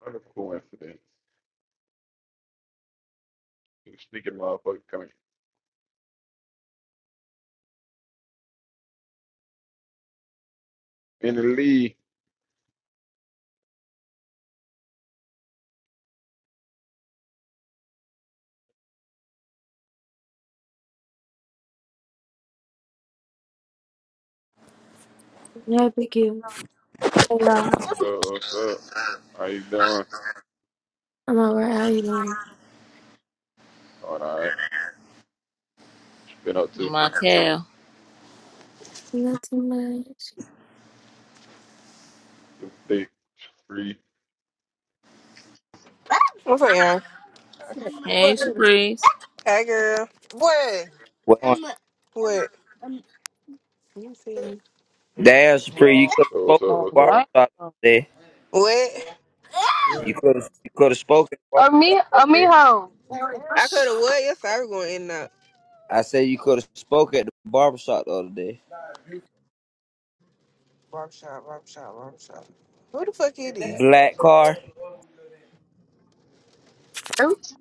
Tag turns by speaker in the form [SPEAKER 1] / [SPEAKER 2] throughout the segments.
[SPEAKER 1] What a coincidence. You sneaking motherfucker coming. In the lead.
[SPEAKER 2] I thank you. Yeah,
[SPEAKER 1] Uh, what's up? How you doing?
[SPEAKER 2] I'm all right. How you doing?
[SPEAKER 1] All right. Been up to
[SPEAKER 3] Michael.
[SPEAKER 2] Nothing much.
[SPEAKER 1] two, three, three.
[SPEAKER 4] What's up, Aaron?
[SPEAKER 3] Hey,
[SPEAKER 4] What?
[SPEAKER 3] Shaprice.
[SPEAKER 4] Hey, girl. What?
[SPEAKER 5] Well,
[SPEAKER 4] What? You see me?
[SPEAKER 5] damn, Supreme, you could have
[SPEAKER 1] So what's
[SPEAKER 5] spoken
[SPEAKER 1] up?
[SPEAKER 5] at the
[SPEAKER 1] What's
[SPEAKER 6] Oh, damn.
[SPEAKER 1] up?
[SPEAKER 5] barbershop
[SPEAKER 6] Or
[SPEAKER 5] the other day.
[SPEAKER 4] What?
[SPEAKER 5] You could have you could have spoken at the
[SPEAKER 6] me,
[SPEAKER 5] barbershop the
[SPEAKER 6] or
[SPEAKER 5] other
[SPEAKER 6] me,
[SPEAKER 5] day.
[SPEAKER 6] ho.
[SPEAKER 4] I could have what? Yes, I was going in and out.
[SPEAKER 5] I said you could have spoken at the barbershop the other day.
[SPEAKER 4] Barbershop, barbershop, barbershop. Who the fuck is this?
[SPEAKER 5] Black car,
[SPEAKER 6] That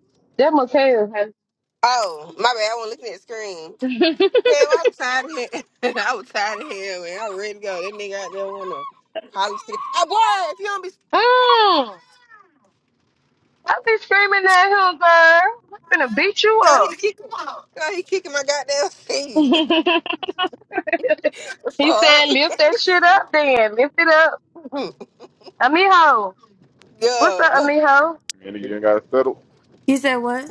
[SPEAKER 6] Mikhail has.
[SPEAKER 4] Oh, my bad. I wasn't looking at the screen. Okay, well, I was tired of him. I was tired of him, man. I was ready to go. That nigga out there want to probably stick. Oh, boy, if you don't be...
[SPEAKER 6] Mm. I be screaming at him, girl. I'm gonna beat you
[SPEAKER 4] God, he
[SPEAKER 6] up.
[SPEAKER 4] kicking, God, he kicking my goddamn seat.
[SPEAKER 6] he said,
[SPEAKER 4] Fuck.
[SPEAKER 6] lift that shit up then. Lift it up. Amiho. What's up,
[SPEAKER 4] yeah.
[SPEAKER 6] Amiho?
[SPEAKER 1] Man, you ain't got settled.
[SPEAKER 2] You said what?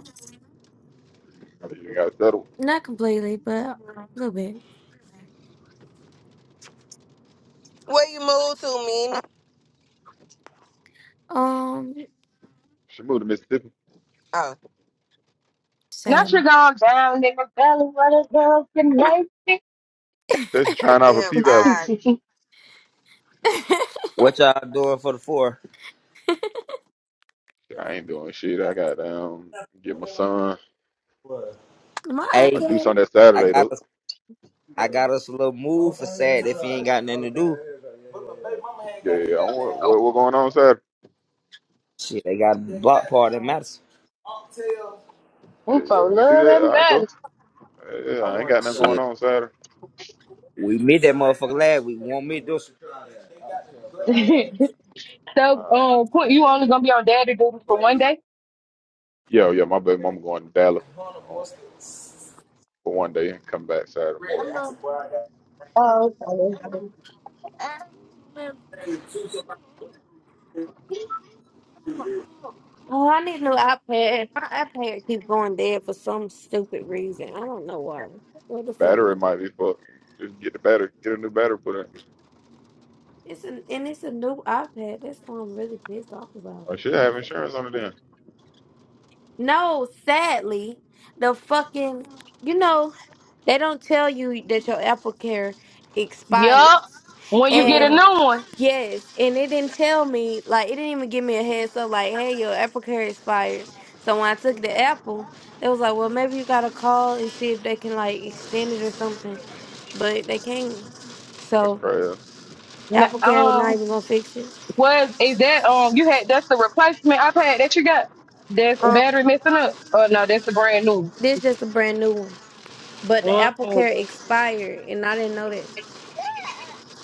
[SPEAKER 1] You ain't got settled.
[SPEAKER 2] Not completely, but a little bit.
[SPEAKER 4] Where you move to, man?
[SPEAKER 2] Um,
[SPEAKER 1] Should move to Mississippi.
[SPEAKER 4] Oh,
[SPEAKER 6] Now
[SPEAKER 2] sad.
[SPEAKER 6] she gone down in the valley where the girls can like it.
[SPEAKER 1] Says you're trying out for P Valley.
[SPEAKER 4] damn.
[SPEAKER 5] what y'all doing for the four?
[SPEAKER 1] Shit, I ain't doing shit. I got um get my son.
[SPEAKER 2] My
[SPEAKER 1] I
[SPEAKER 5] Hey,
[SPEAKER 1] do
[SPEAKER 2] iPad.
[SPEAKER 1] something that
[SPEAKER 5] I
[SPEAKER 1] Saturday
[SPEAKER 5] got
[SPEAKER 1] though.
[SPEAKER 5] us I got us a little move for sad if he ain't got nothing to do.
[SPEAKER 1] Yeah, yeah. I want- What what going on Saturday?
[SPEAKER 5] Shit, they got a block party in Madison.
[SPEAKER 6] We
[SPEAKER 1] Yeah, yeah.
[SPEAKER 6] for
[SPEAKER 1] We can do
[SPEAKER 6] love that
[SPEAKER 1] that. I go.
[SPEAKER 6] matters.
[SPEAKER 1] Yeah, yeah, I ain't got nothing going
[SPEAKER 5] Shit,
[SPEAKER 1] on Saturday.
[SPEAKER 5] we meet that motherfucker last week. We won't meet this.
[SPEAKER 1] Yeah.
[SPEAKER 6] so,
[SPEAKER 1] Uh,
[SPEAKER 6] um, Quint, you only gonna be on daddy duty for one day?
[SPEAKER 1] yeah, yeah. My baby mama going to Dallas. Oh, for one day and come back Saturday
[SPEAKER 4] Wait.
[SPEAKER 1] morning.
[SPEAKER 4] Yeah. Um,
[SPEAKER 6] Oh, okay.
[SPEAKER 2] Oh, I need a new iPad. My iPad keeps going dead for some stupid reason. I don't know why. What the fuck,
[SPEAKER 1] Battery
[SPEAKER 2] you know?
[SPEAKER 1] might be fucked. Just get the battery, get a new battery put in.
[SPEAKER 2] It's an and it's a new iPad. That's why I'm really pissed off about
[SPEAKER 1] I
[SPEAKER 2] it.
[SPEAKER 1] should have insurance on it
[SPEAKER 2] Like,
[SPEAKER 1] then.
[SPEAKER 2] No, sadly, the fucking you know, they don't tell you that your AppleCare
[SPEAKER 6] Yup.
[SPEAKER 2] expires.
[SPEAKER 6] When you
[SPEAKER 1] Oh
[SPEAKER 6] get a
[SPEAKER 1] yeah,
[SPEAKER 2] And
[SPEAKER 6] new one.
[SPEAKER 2] yes, and it didn't tell me like it didn't even give me a heads up like, hey, your AppleCare expired. So when I took the Apple, they was like, Well maybe you gotta call and see if they can like extend it or something. But they can't.
[SPEAKER 1] that's
[SPEAKER 2] So
[SPEAKER 1] crazy.
[SPEAKER 6] N-
[SPEAKER 2] AppleCare not
[SPEAKER 6] Um,
[SPEAKER 2] even gonna fix it.
[SPEAKER 6] was is that um you had that's the replacement iPad that you got? That's
[SPEAKER 2] Um
[SPEAKER 6] battery messing up. Oh no, that's the brand new.
[SPEAKER 2] this just a brand new one. But the
[SPEAKER 6] Mm.
[SPEAKER 2] AppleCare expired and I didn't know that.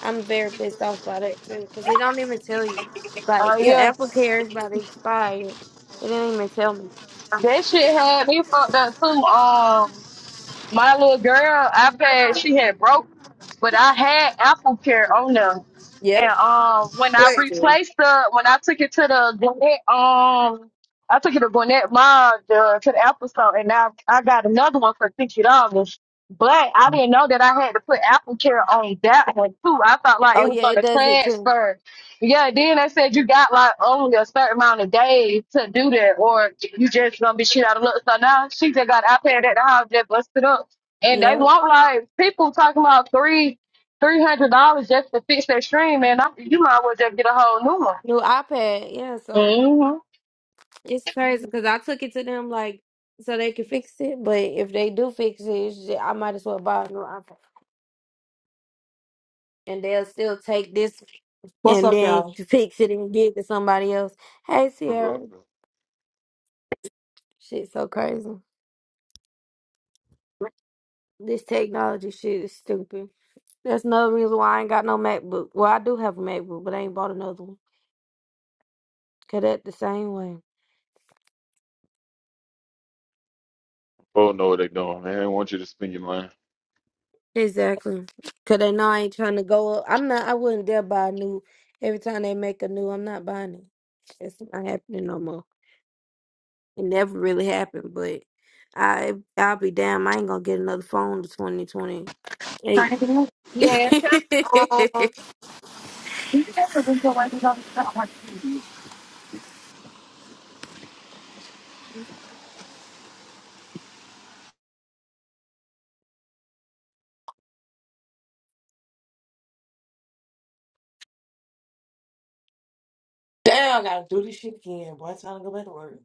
[SPEAKER 2] I'm very pissed off about that too, because they don't even tell you. Like
[SPEAKER 6] Oh
[SPEAKER 2] your
[SPEAKER 6] yeah.
[SPEAKER 2] Apple Care is about to expire. They didn't even tell me.
[SPEAKER 6] That shit had me fucked up too. Um my little girl iPad, she had broke. but I had Apple Care on them. And
[SPEAKER 2] Yep.
[SPEAKER 6] um, when I replaced the, when I took it to the Gwinnett, um, I took it to Gwinnett Mall the, to the Apple Store, and now I got another one for fifty dollars. But I didn't know that I had to put Apple Care on that one too. I thought like it
[SPEAKER 2] Oh
[SPEAKER 6] was
[SPEAKER 2] yeah, it
[SPEAKER 6] gonna
[SPEAKER 2] does it too.
[SPEAKER 6] transfer. Yeah, then they said you got like only a certain amount of days to do that, or you just gonna be shit out of luck. So now she just got an iPad at the house, just busted up and they
[SPEAKER 2] Yep.
[SPEAKER 6] want like people talking about three three hundred dollars just to fix their stream, man. I, you might as well just get a whole new one.
[SPEAKER 2] New iPad. Yeah. So
[SPEAKER 6] Mm-hmm.
[SPEAKER 2] it's crazy because I took it to them like so they could fix it. But if they do fix it, it's ju- I might as well buy a new iPad, and they'll still take this
[SPEAKER 7] What's
[SPEAKER 2] and
[SPEAKER 7] up,
[SPEAKER 2] then
[SPEAKER 7] y'all?
[SPEAKER 2] fix it and give it to somebody else. Hey
[SPEAKER 1] What's
[SPEAKER 2] Sierra,
[SPEAKER 1] up?
[SPEAKER 2] shit's so crazy. This technology shit is stupid. That's another reason why I ain't got no MacBook. Well, I do have a MacBook, but I ain't bought another one. 'Cause Cause that the same way.
[SPEAKER 1] People know what they doing, man. They want you to spend your money.
[SPEAKER 2] Exactly. 'Cause they know I ain't trying to go up. I'm not. I wouldn't dare buy a new. Every time they make a new, I'm not buying it. It's not happening no more. It never really happened, but I I'll be damn. I ain't gonna get another phone to 2028.
[SPEAKER 4] man,
[SPEAKER 2] Mm.
[SPEAKER 7] Damn, I gotta do this shit again. Boy, it's time to go back to work.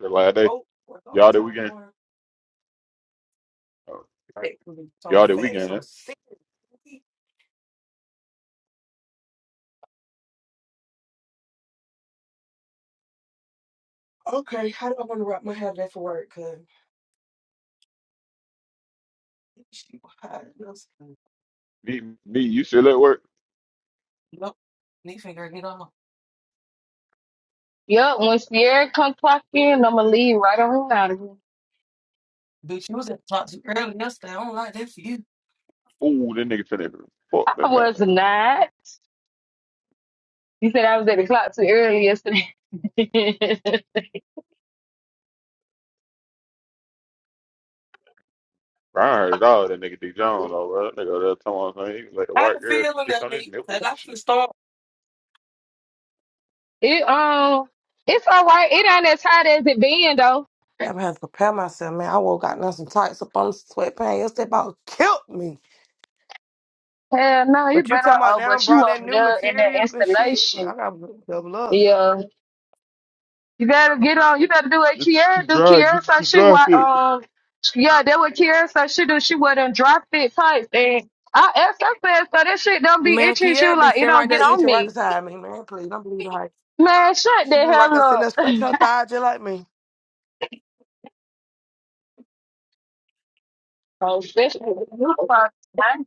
[SPEAKER 1] The last day,
[SPEAKER 7] Oh, work
[SPEAKER 1] y'all did
[SPEAKER 7] overtime
[SPEAKER 1] weekend.
[SPEAKER 7] tomorrow.
[SPEAKER 1] Oh,
[SPEAKER 7] Right. So
[SPEAKER 1] y'all did
[SPEAKER 7] fat,
[SPEAKER 1] weekend.
[SPEAKER 7] so
[SPEAKER 1] Huh?
[SPEAKER 7] sick. Okay, how do I want to wrap my hair today for work? Cause she was hot.
[SPEAKER 1] Me, me, you still at work?
[SPEAKER 7] Nope. Need finger, get on.
[SPEAKER 6] Yep. When Sierra comes clock in, I'ma leave right on out of here.
[SPEAKER 7] Bitch, you was at the top too early yesterday. I don't like that for you.
[SPEAKER 1] Ooh, that nigga finna fuck
[SPEAKER 6] I
[SPEAKER 1] that
[SPEAKER 6] was
[SPEAKER 1] goddamn.
[SPEAKER 6] not. You said I was at the clock too early yesterday. it um,
[SPEAKER 1] I heard it all. That nigga D John over that nigga that time he let the
[SPEAKER 7] I
[SPEAKER 1] white
[SPEAKER 7] ain't
[SPEAKER 1] girl
[SPEAKER 7] feeling
[SPEAKER 1] kiss
[SPEAKER 7] that
[SPEAKER 1] on his
[SPEAKER 7] me. Like
[SPEAKER 1] nipples and
[SPEAKER 7] I feel
[SPEAKER 1] shit.
[SPEAKER 7] storm.
[SPEAKER 6] it's all right. It ain't as hot as it been though.
[SPEAKER 7] I had to prepare myself, man. I woke up in some tights up on the sweatpants yesterday. About killed me.
[SPEAKER 6] Hell no, you
[SPEAKER 7] But you
[SPEAKER 6] better.
[SPEAKER 7] talking about
[SPEAKER 6] Oh,
[SPEAKER 7] now
[SPEAKER 6] but you
[SPEAKER 7] brought that
[SPEAKER 6] over
[SPEAKER 7] new
[SPEAKER 6] there in that
[SPEAKER 7] material and shit? I
[SPEAKER 6] installation.
[SPEAKER 7] gotta double up.
[SPEAKER 6] Yeah. You better get on. You better do what
[SPEAKER 1] Get you
[SPEAKER 6] Kiara
[SPEAKER 1] some
[SPEAKER 6] do.
[SPEAKER 1] dry,
[SPEAKER 6] Kiara
[SPEAKER 1] get you
[SPEAKER 6] so
[SPEAKER 1] some
[SPEAKER 6] she
[SPEAKER 1] dry
[SPEAKER 6] what
[SPEAKER 1] fit.
[SPEAKER 6] um yeah, that what Kiara so she do. She wear them dry fit tights and I asked her fast, so that shit don't be
[SPEAKER 7] Man,
[SPEAKER 6] itchy. She was
[SPEAKER 7] Kiera be
[SPEAKER 6] like, it
[SPEAKER 7] sitting right
[SPEAKER 6] don't get
[SPEAKER 7] there
[SPEAKER 6] on
[SPEAKER 7] itching right
[SPEAKER 6] me.
[SPEAKER 7] beside me. Man, please don't believe the hype.
[SPEAKER 6] Man, shut the
[SPEAKER 7] She be right
[SPEAKER 6] hell
[SPEAKER 7] there sitting there
[SPEAKER 6] up.
[SPEAKER 7] scratching her thigh just like me.
[SPEAKER 6] oh, bitch, you fucking-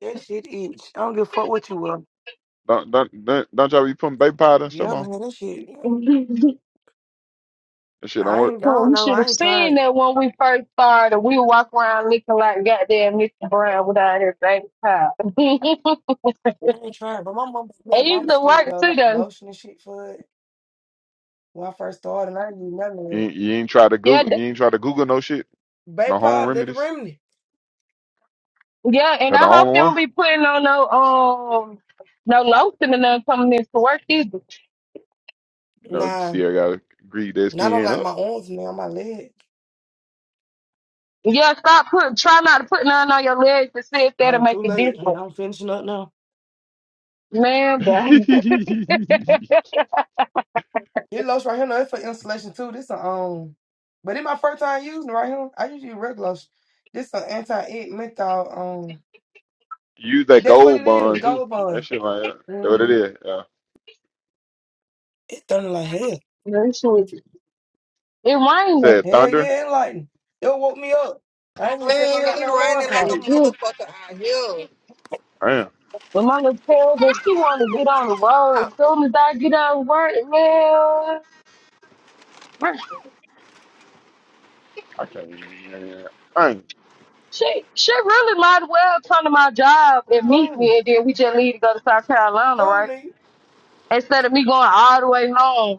[SPEAKER 7] That shit itch. I don't give a fuck what you will.
[SPEAKER 1] Don't don't don't, don't y'all be putting baby powder and stuff
[SPEAKER 7] Yeah,
[SPEAKER 1] on.
[SPEAKER 7] man, that shit. yeah.
[SPEAKER 1] That shit don't
[SPEAKER 7] I
[SPEAKER 1] work.
[SPEAKER 7] ain't. I
[SPEAKER 6] Well,
[SPEAKER 7] don't
[SPEAKER 6] you
[SPEAKER 7] know.
[SPEAKER 6] should
[SPEAKER 7] I
[SPEAKER 6] have
[SPEAKER 7] ain't tried.
[SPEAKER 6] seen that when we first started. We walk around looking like goddamn Mr. Brown without his baby top. it
[SPEAKER 7] I ain't tried. But my mom bought me a lot
[SPEAKER 6] used
[SPEAKER 7] of
[SPEAKER 6] to
[SPEAKER 7] shit
[SPEAKER 6] work
[SPEAKER 7] though,
[SPEAKER 6] too,
[SPEAKER 7] like
[SPEAKER 6] though.
[SPEAKER 7] lotion and shit for it when I first started. And I didn't use none of
[SPEAKER 1] You
[SPEAKER 7] it.
[SPEAKER 1] ain't, you ain't try to
[SPEAKER 6] Yeah,
[SPEAKER 1] Google. You ain't try to Google no shit.
[SPEAKER 7] Baby
[SPEAKER 1] No home
[SPEAKER 7] powder that the
[SPEAKER 1] remedies.
[SPEAKER 7] remedy.
[SPEAKER 6] Yeah, and
[SPEAKER 1] That the
[SPEAKER 6] I hope
[SPEAKER 1] only
[SPEAKER 6] you don't
[SPEAKER 1] one.
[SPEAKER 6] be putting on no um no lotion and nothing coming in to work either.
[SPEAKER 1] You know,
[SPEAKER 7] Nah,
[SPEAKER 1] Sierra gotta grease that
[SPEAKER 7] and I don't
[SPEAKER 1] skin
[SPEAKER 7] like
[SPEAKER 1] up.
[SPEAKER 7] my arms now. My leg.
[SPEAKER 6] Yeah, stop put try not to put none on your legs to see if that'll
[SPEAKER 7] I'm
[SPEAKER 6] make
[SPEAKER 7] too
[SPEAKER 6] a
[SPEAKER 7] late. and
[SPEAKER 6] difference.
[SPEAKER 7] I'm finishing up now.
[SPEAKER 6] Man,
[SPEAKER 1] Use
[SPEAKER 6] dog.
[SPEAKER 7] This lotion right here, no, it's for insulation too. This a um, but it's my first time using it right here. I usually use regular lotion. This an anti-itch menthol. Um,
[SPEAKER 1] that
[SPEAKER 7] that's what
[SPEAKER 1] gold
[SPEAKER 7] it is.
[SPEAKER 1] bond too.
[SPEAKER 7] Gold
[SPEAKER 1] That
[SPEAKER 7] bond.
[SPEAKER 1] shit like that. That's what it
[SPEAKER 7] Mm-hmm.
[SPEAKER 1] is. Yeah.
[SPEAKER 7] It thunder like hell.
[SPEAKER 6] That shit was- it
[SPEAKER 1] You
[SPEAKER 6] raining.
[SPEAKER 1] said
[SPEAKER 7] Hell
[SPEAKER 1] thunder.
[SPEAKER 7] yeah, it lightning. It woke me up. I ain't even set my
[SPEAKER 4] it
[SPEAKER 7] goddamn alarm
[SPEAKER 4] raining like a
[SPEAKER 7] clock.
[SPEAKER 6] It-
[SPEAKER 4] motherfucker out here.
[SPEAKER 1] Damn.
[SPEAKER 6] When my little tell that she wanna get on the road, as soon as I get out of work, man,
[SPEAKER 1] I can't. Dang.
[SPEAKER 6] she she really might as well come to my job and meet
[SPEAKER 7] Boom.
[SPEAKER 6] me and then we just leave to go to South Carolina,
[SPEAKER 7] Who
[SPEAKER 6] right?
[SPEAKER 7] knew?
[SPEAKER 6] Instead of me going all the way home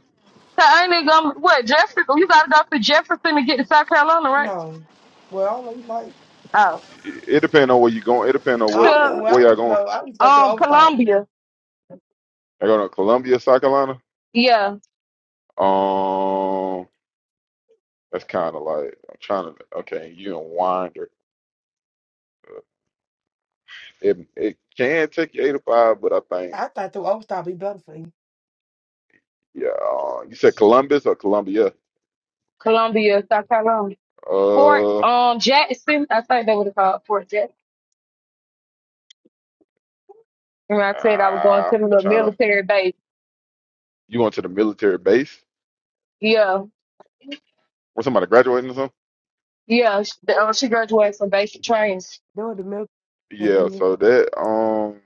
[SPEAKER 6] I ain't gonna what Jefferson. You gotta go through Jefferson to get to South Carolina, right?
[SPEAKER 7] No. Well, I don't know. You might.
[SPEAKER 6] Oh,
[SPEAKER 1] It, it depends on where you going. It depends on
[SPEAKER 7] I
[SPEAKER 1] what
[SPEAKER 6] to
[SPEAKER 7] don't. Well, I
[SPEAKER 1] where y'all
[SPEAKER 7] used to
[SPEAKER 1] going.
[SPEAKER 7] go. I used to go through
[SPEAKER 6] um
[SPEAKER 7] overthought.
[SPEAKER 6] Columbia.
[SPEAKER 1] Y'all going to Columbia, South Carolina.
[SPEAKER 6] Yeah,
[SPEAKER 1] Um, that's kind of like I'm trying to. Okay, you in Winder. It it can take you eight to five, but I think.
[SPEAKER 7] I thought through overthought be better for you.
[SPEAKER 1] Yeah, uh, you said Columbus or Columbia?
[SPEAKER 6] Columbia, South Carolina. Fort
[SPEAKER 1] Uh,
[SPEAKER 6] um Jackson. I think they would have called Fort Jackson. Remember I said I was going
[SPEAKER 1] uh,
[SPEAKER 6] to the little
[SPEAKER 1] trying to.
[SPEAKER 6] military base.
[SPEAKER 1] You went to the military base
[SPEAKER 6] Yeah,
[SPEAKER 1] or somebody graduating or something?
[SPEAKER 6] yeah. She, um, she graduated from basic training.
[SPEAKER 7] Doing the milk.
[SPEAKER 1] Yeah, so
[SPEAKER 7] And
[SPEAKER 1] that um,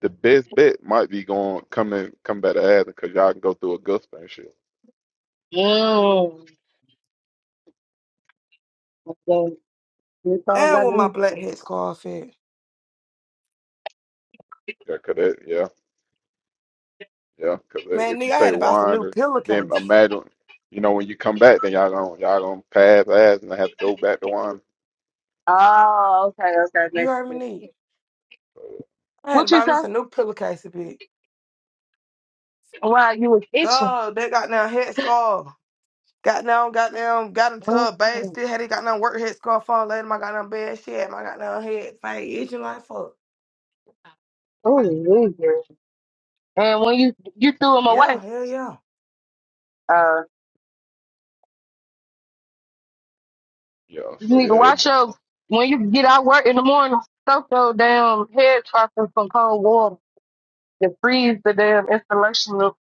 [SPEAKER 1] the best bet might be going come coming come back to Athens because y'all can go through Augusta and shit.
[SPEAKER 6] Mm. So, that's all I gotta
[SPEAKER 7] with my
[SPEAKER 6] do.
[SPEAKER 7] black head scarf at?
[SPEAKER 1] Yeah, cause that, yeah, yeah, cause that-
[SPEAKER 7] Man,
[SPEAKER 1] if you
[SPEAKER 7] nigga, I had
[SPEAKER 1] take
[SPEAKER 7] to buy some
[SPEAKER 1] wine,
[SPEAKER 7] new
[SPEAKER 1] or, then
[SPEAKER 7] pillowcase.
[SPEAKER 1] imagine, you know, when you come back, then y'all gonna y'all gonna pass Athens and have to go back to wine.
[SPEAKER 6] Oh, okay, okay.
[SPEAKER 7] You
[SPEAKER 6] Next
[SPEAKER 7] heard me,
[SPEAKER 6] year.
[SPEAKER 7] nigga.
[SPEAKER 1] So,
[SPEAKER 7] I had to
[SPEAKER 6] What you
[SPEAKER 7] buy me
[SPEAKER 6] say?
[SPEAKER 7] some new pillowcase, bitch.
[SPEAKER 6] Wow, you was itching.
[SPEAKER 7] God, that goddamn head scarf. Goddamn, goddamn, got into
[SPEAKER 6] Mm.
[SPEAKER 7] a bed,
[SPEAKER 6] Oh,
[SPEAKER 7] still had it goddamn work head scarf on, laid in my goddamn bed, shit, had my goddamn head, fade, itching like fuck.
[SPEAKER 6] really? And when you you threw them
[SPEAKER 7] Yeah,
[SPEAKER 6] away.
[SPEAKER 7] hell yeah.
[SPEAKER 6] Uh,
[SPEAKER 1] yeah,
[SPEAKER 6] you
[SPEAKER 1] so
[SPEAKER 6] need
[SPEAKER 1] yeah,
[SPEAKER 6] to
[SPEAKER 1] it,
[SPEAKER 6] watch your when you get out work in the morning. Soak your damn head trough in some cold water. Then freeze the damn insulation or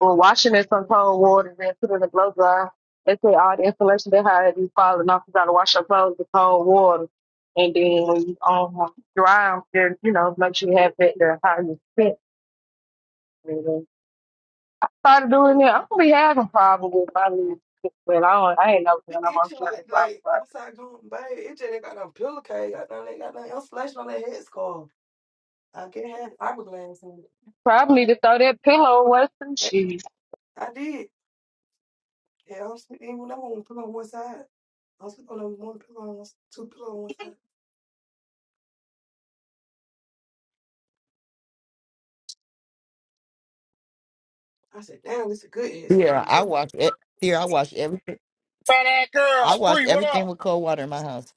[SPEAKER 6] or wash it in some cold water. Then put it in the blow dryer. They say all the insulation they had be falling off. You gotta wash your clothes with cold water. And then when you um dry them, then you know make sure you have that there how you fit. And then Started doing that. I'm gonna be having problems with my legs, but I don't. I ain't never
[SPEAKER 7] It
[SPEAKER 6] done. I'm on
[SPEAKER 7] Itching
[SPEAKER 6] sure
[SPEAKER 7] like, like,
[SPEAKER 6] this
[SPEAKER 7] what's I going, babe? It just ain't got no pillowcase, goddamn, they got no insulation on that head scarf. I can't have fiberglass in it.
[SPEAKER 6] Probably to throw that pillow away some
[SPEAKER 7] Heck,
[SPEAKER 6] shit.
[SPEAKER 7] I did. Yeah, I'm sleeping, even though I want to put on one side. I am sleeping on one pillow, on one- two pillow on one side. I said, damn, this is good ed school
[SPEAKER 8] Sierra, I
[SPEAKER 7] too.
[SPEAKER 8] wash it. Sierra, I wash everything.
[SPEAKER 9] Fat ass girl,
[SPEAKER 8] I wash
[SPEAKER 9] Spree, what
[SPEAKER 8] everything
[SPEAKER 9] up?
[SPEAKER 8] with cold water in my house.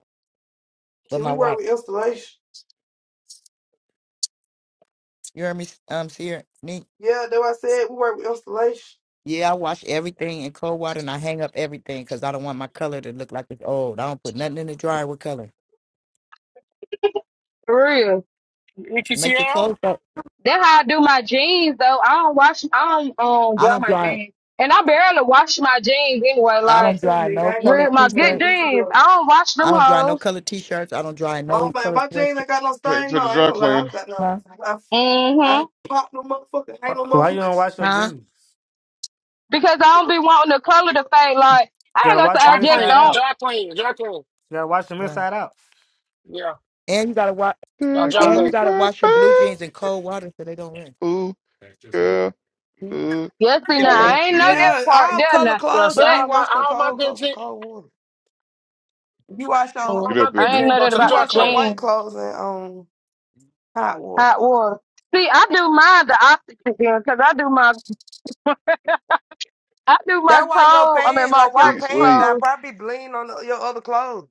[SPEAKER 8] But
[SPEAKER 7] See,
[SPEAKER 8] my
[SPEAKER 7] we work
[SPEAKER 8] wife,
[SPEAKER 7] with installation.
[SPEAKER 8] you hear me, um, Sierra, me.
[SPEAKER 7] Yeah, that's what I said. We work with installation.
[SPEAKER 8] Yeah, I wash everything in cold water and I hang up everything because I don't want my color to look like it's old. I don't put nothing in the dryer with color.
[SPEAKER 6] For real.
[SPEAKER 8] Make your
[SPEAKER 9] ETCL?
[SPEAKER 8] clothes up.
[SPEAKER 6] That's how I do my jeans though. I don't wash I don't um
[SPEAKER 8] I
[SPEAKER 6] dry
[SPEAKER 8] don't
[SPEAKER 6] my
[SPEAKER 8] dry.
[SPEAKER 6] jeans. And I barely wash my jeans anyway,
[SPEAKER 8] I
[SPEAKER 7] Me
[SPEAKER 8] don't
[SPEAKER 6] like
[SPEAKER 7] too,
[SPEAKER 8] dry
[SPEAKER 7] nigga. I
[SPEAKER 8] no
[SPEAKER 7] ain't gonna
[SPEAKER 8] color
[SPEAKER 6] real
[SPEAKER 7] lie. I
[SPEAKER 6] my
[SPEAKER 7] ain't
[SPEAKER 6] good
[SPEAKER 7] gonna
[SPEAKER 8] t-shirt.
[SPEAKER 7] be too
[SPEAKER 6] jeans.
[SPEAKER 7] good.
[SPEAKER 6] I don't wash them
[SPEAKER 8] I don't dry no
[SPEAKER 6] hoes.
[SPEAKER 8] color t-shirts. I don't dry
[SPEAKER 7] Oh
[SPEAKER 8] no
[SPEAKER 7] man,
[SPEAKER 8] color
[SPEAKER 7] my
[SPEAKER 8] sweatshirts.
[SPEAKER 7] jeans ain't got no
[SPEAKER 1] take it
[SPEAKER 7] stain.
[SPEAKER 1] to
[SPEAKER 7] No,
[SPEAKER 1] the
[SPEAKER 7] I ain't
[SPEAKER 1] dry
[SPEAKER 7] gonna lie. I
[SPEAKER 1] clean.
[SPEAKER 7] got no.
[SPEAKER 8] Huh?
[SPEAKER 7] I,
[SPEAKER 6] hmm
[SPEAKER 7] I popped no motherfucker.
[SPEAKER 10] Why
[SPEAKER 7] Ain't no
[SPEAKER 10] you don't
[SPEAKER 7] motherfuckers.
[SPEAKER 10] wash your
[SPEAKER 8] Huh?
[SPEAKER 10] jeans?
[SPEAKER 6] Because I don't be wanting the color to fade like
[SPEAKER 10] You
[SPEAKER 6] I ain't
[SPEAKER 10] gotta
[SPEAKER 6] gonna
[SPEAKER 10] wash them
[SPEAKER 6] say I just
[SPEAKER 9] Jacqueline,
[SPEAKER 10] inside out.
[SPEAKER 6] don't
[SPEAKER 9] Jacqueline, Jacqueline.
[SPEAKER 10] You gotta wash them
[SPEAKER 8] Right.
[SPEAKER 10] inside out.
[SPEAKER 9] Yeah,
[SPEAKER 8] And you gotta wash.
[SPEAKER 9] yeah,
[SPEAKER 1] There
[SPEAKER 6] um,
[SPEAKER 8] And you
[SPEAKER 9] Jacqueline.
[SPEAKER 1] goes
[SPEAKER 8] gotta
[SPEAKER 1] my
[SPEAKER 8] wash your blue
[SPEAKER 1] bag.
[SPEAKER 8] jeans in cold water so they don't
[SPEAKER 1] Ooh. girl. Look
[SPEAKER 6] yes be
[SPEAKER 9] Yeah,
[SPEAKER 6] now. I
[SPEAKER 8] rinse.
[SPEAKER 1] at
[SPEAKER 6] ain't know that
[SPEAKER 1] you.
[SPEAKER 7] Yeah,
[SPEAKER 6] part
[SPEAKER 7] all
[SPEAKER 6] there
[SPEAKER 7] color
[SPEAKER 6] now.
[SPEAKER 9] yeah.
[SPEAKER 7] clothes
[SPEAKER 9] See,
[SPEAKER 7] should
[SPEAKER 6] But
[SPEAKER 7] be
[SPEAKER 9] all my
[SPEAKER 7] washed in
[SPEAKER 9] all my
[SPEAKER 7] cold,
[SPEAKER 9] good
[SPEAKER 7] cold,
[SPEAKER 9] gen,
[SPEAKER 7] cold water. You wash your
[SPEAKER 9] all
[SPEAKER 6] mm,
[SPEAKER 1] Get
[SPEAKER 9] my
[SPEAKER 1] up,
[SPEAKER 9] good
[SPEAKER 6] I ain't
[SPEAKER 1] bigger.
[SPEAKER 9] gen
[SPEAKER 6] know
[SPEAKER 9] go
[SPEAKER 6] that
[SPEAKER 9] to the
[SPEAKER 7] you
[SPEAKER 6] about the
[SPEAKER 9] dry
[SPEAKER 7] wash your
[SPEAKER 9] cleaner.
[SPEAKER 7] white
[SPEAKER 6] jeans,
[SPEAKER 7] clothes in um hot water.
[SPEAKER 6] hot water. See, I do mine the opposite then, 'cause I do my. I do my
[SPEAKER 7] That's why your
[SPEAKER 6] code. I mean,
[SPEAKER 7] pants,
[SPEAKER 6] my
[SPEAKER 7] like your
[SPEAKER 1] Sweet,
[SPEAKER 6] work.
[SPEAKER 7] pants,
[SPEAKER 1] sweet.
[SPEAKER 7] that
[SPEAKER 6] So
[SPEAKER 7] probably bleed on the, your other clothes.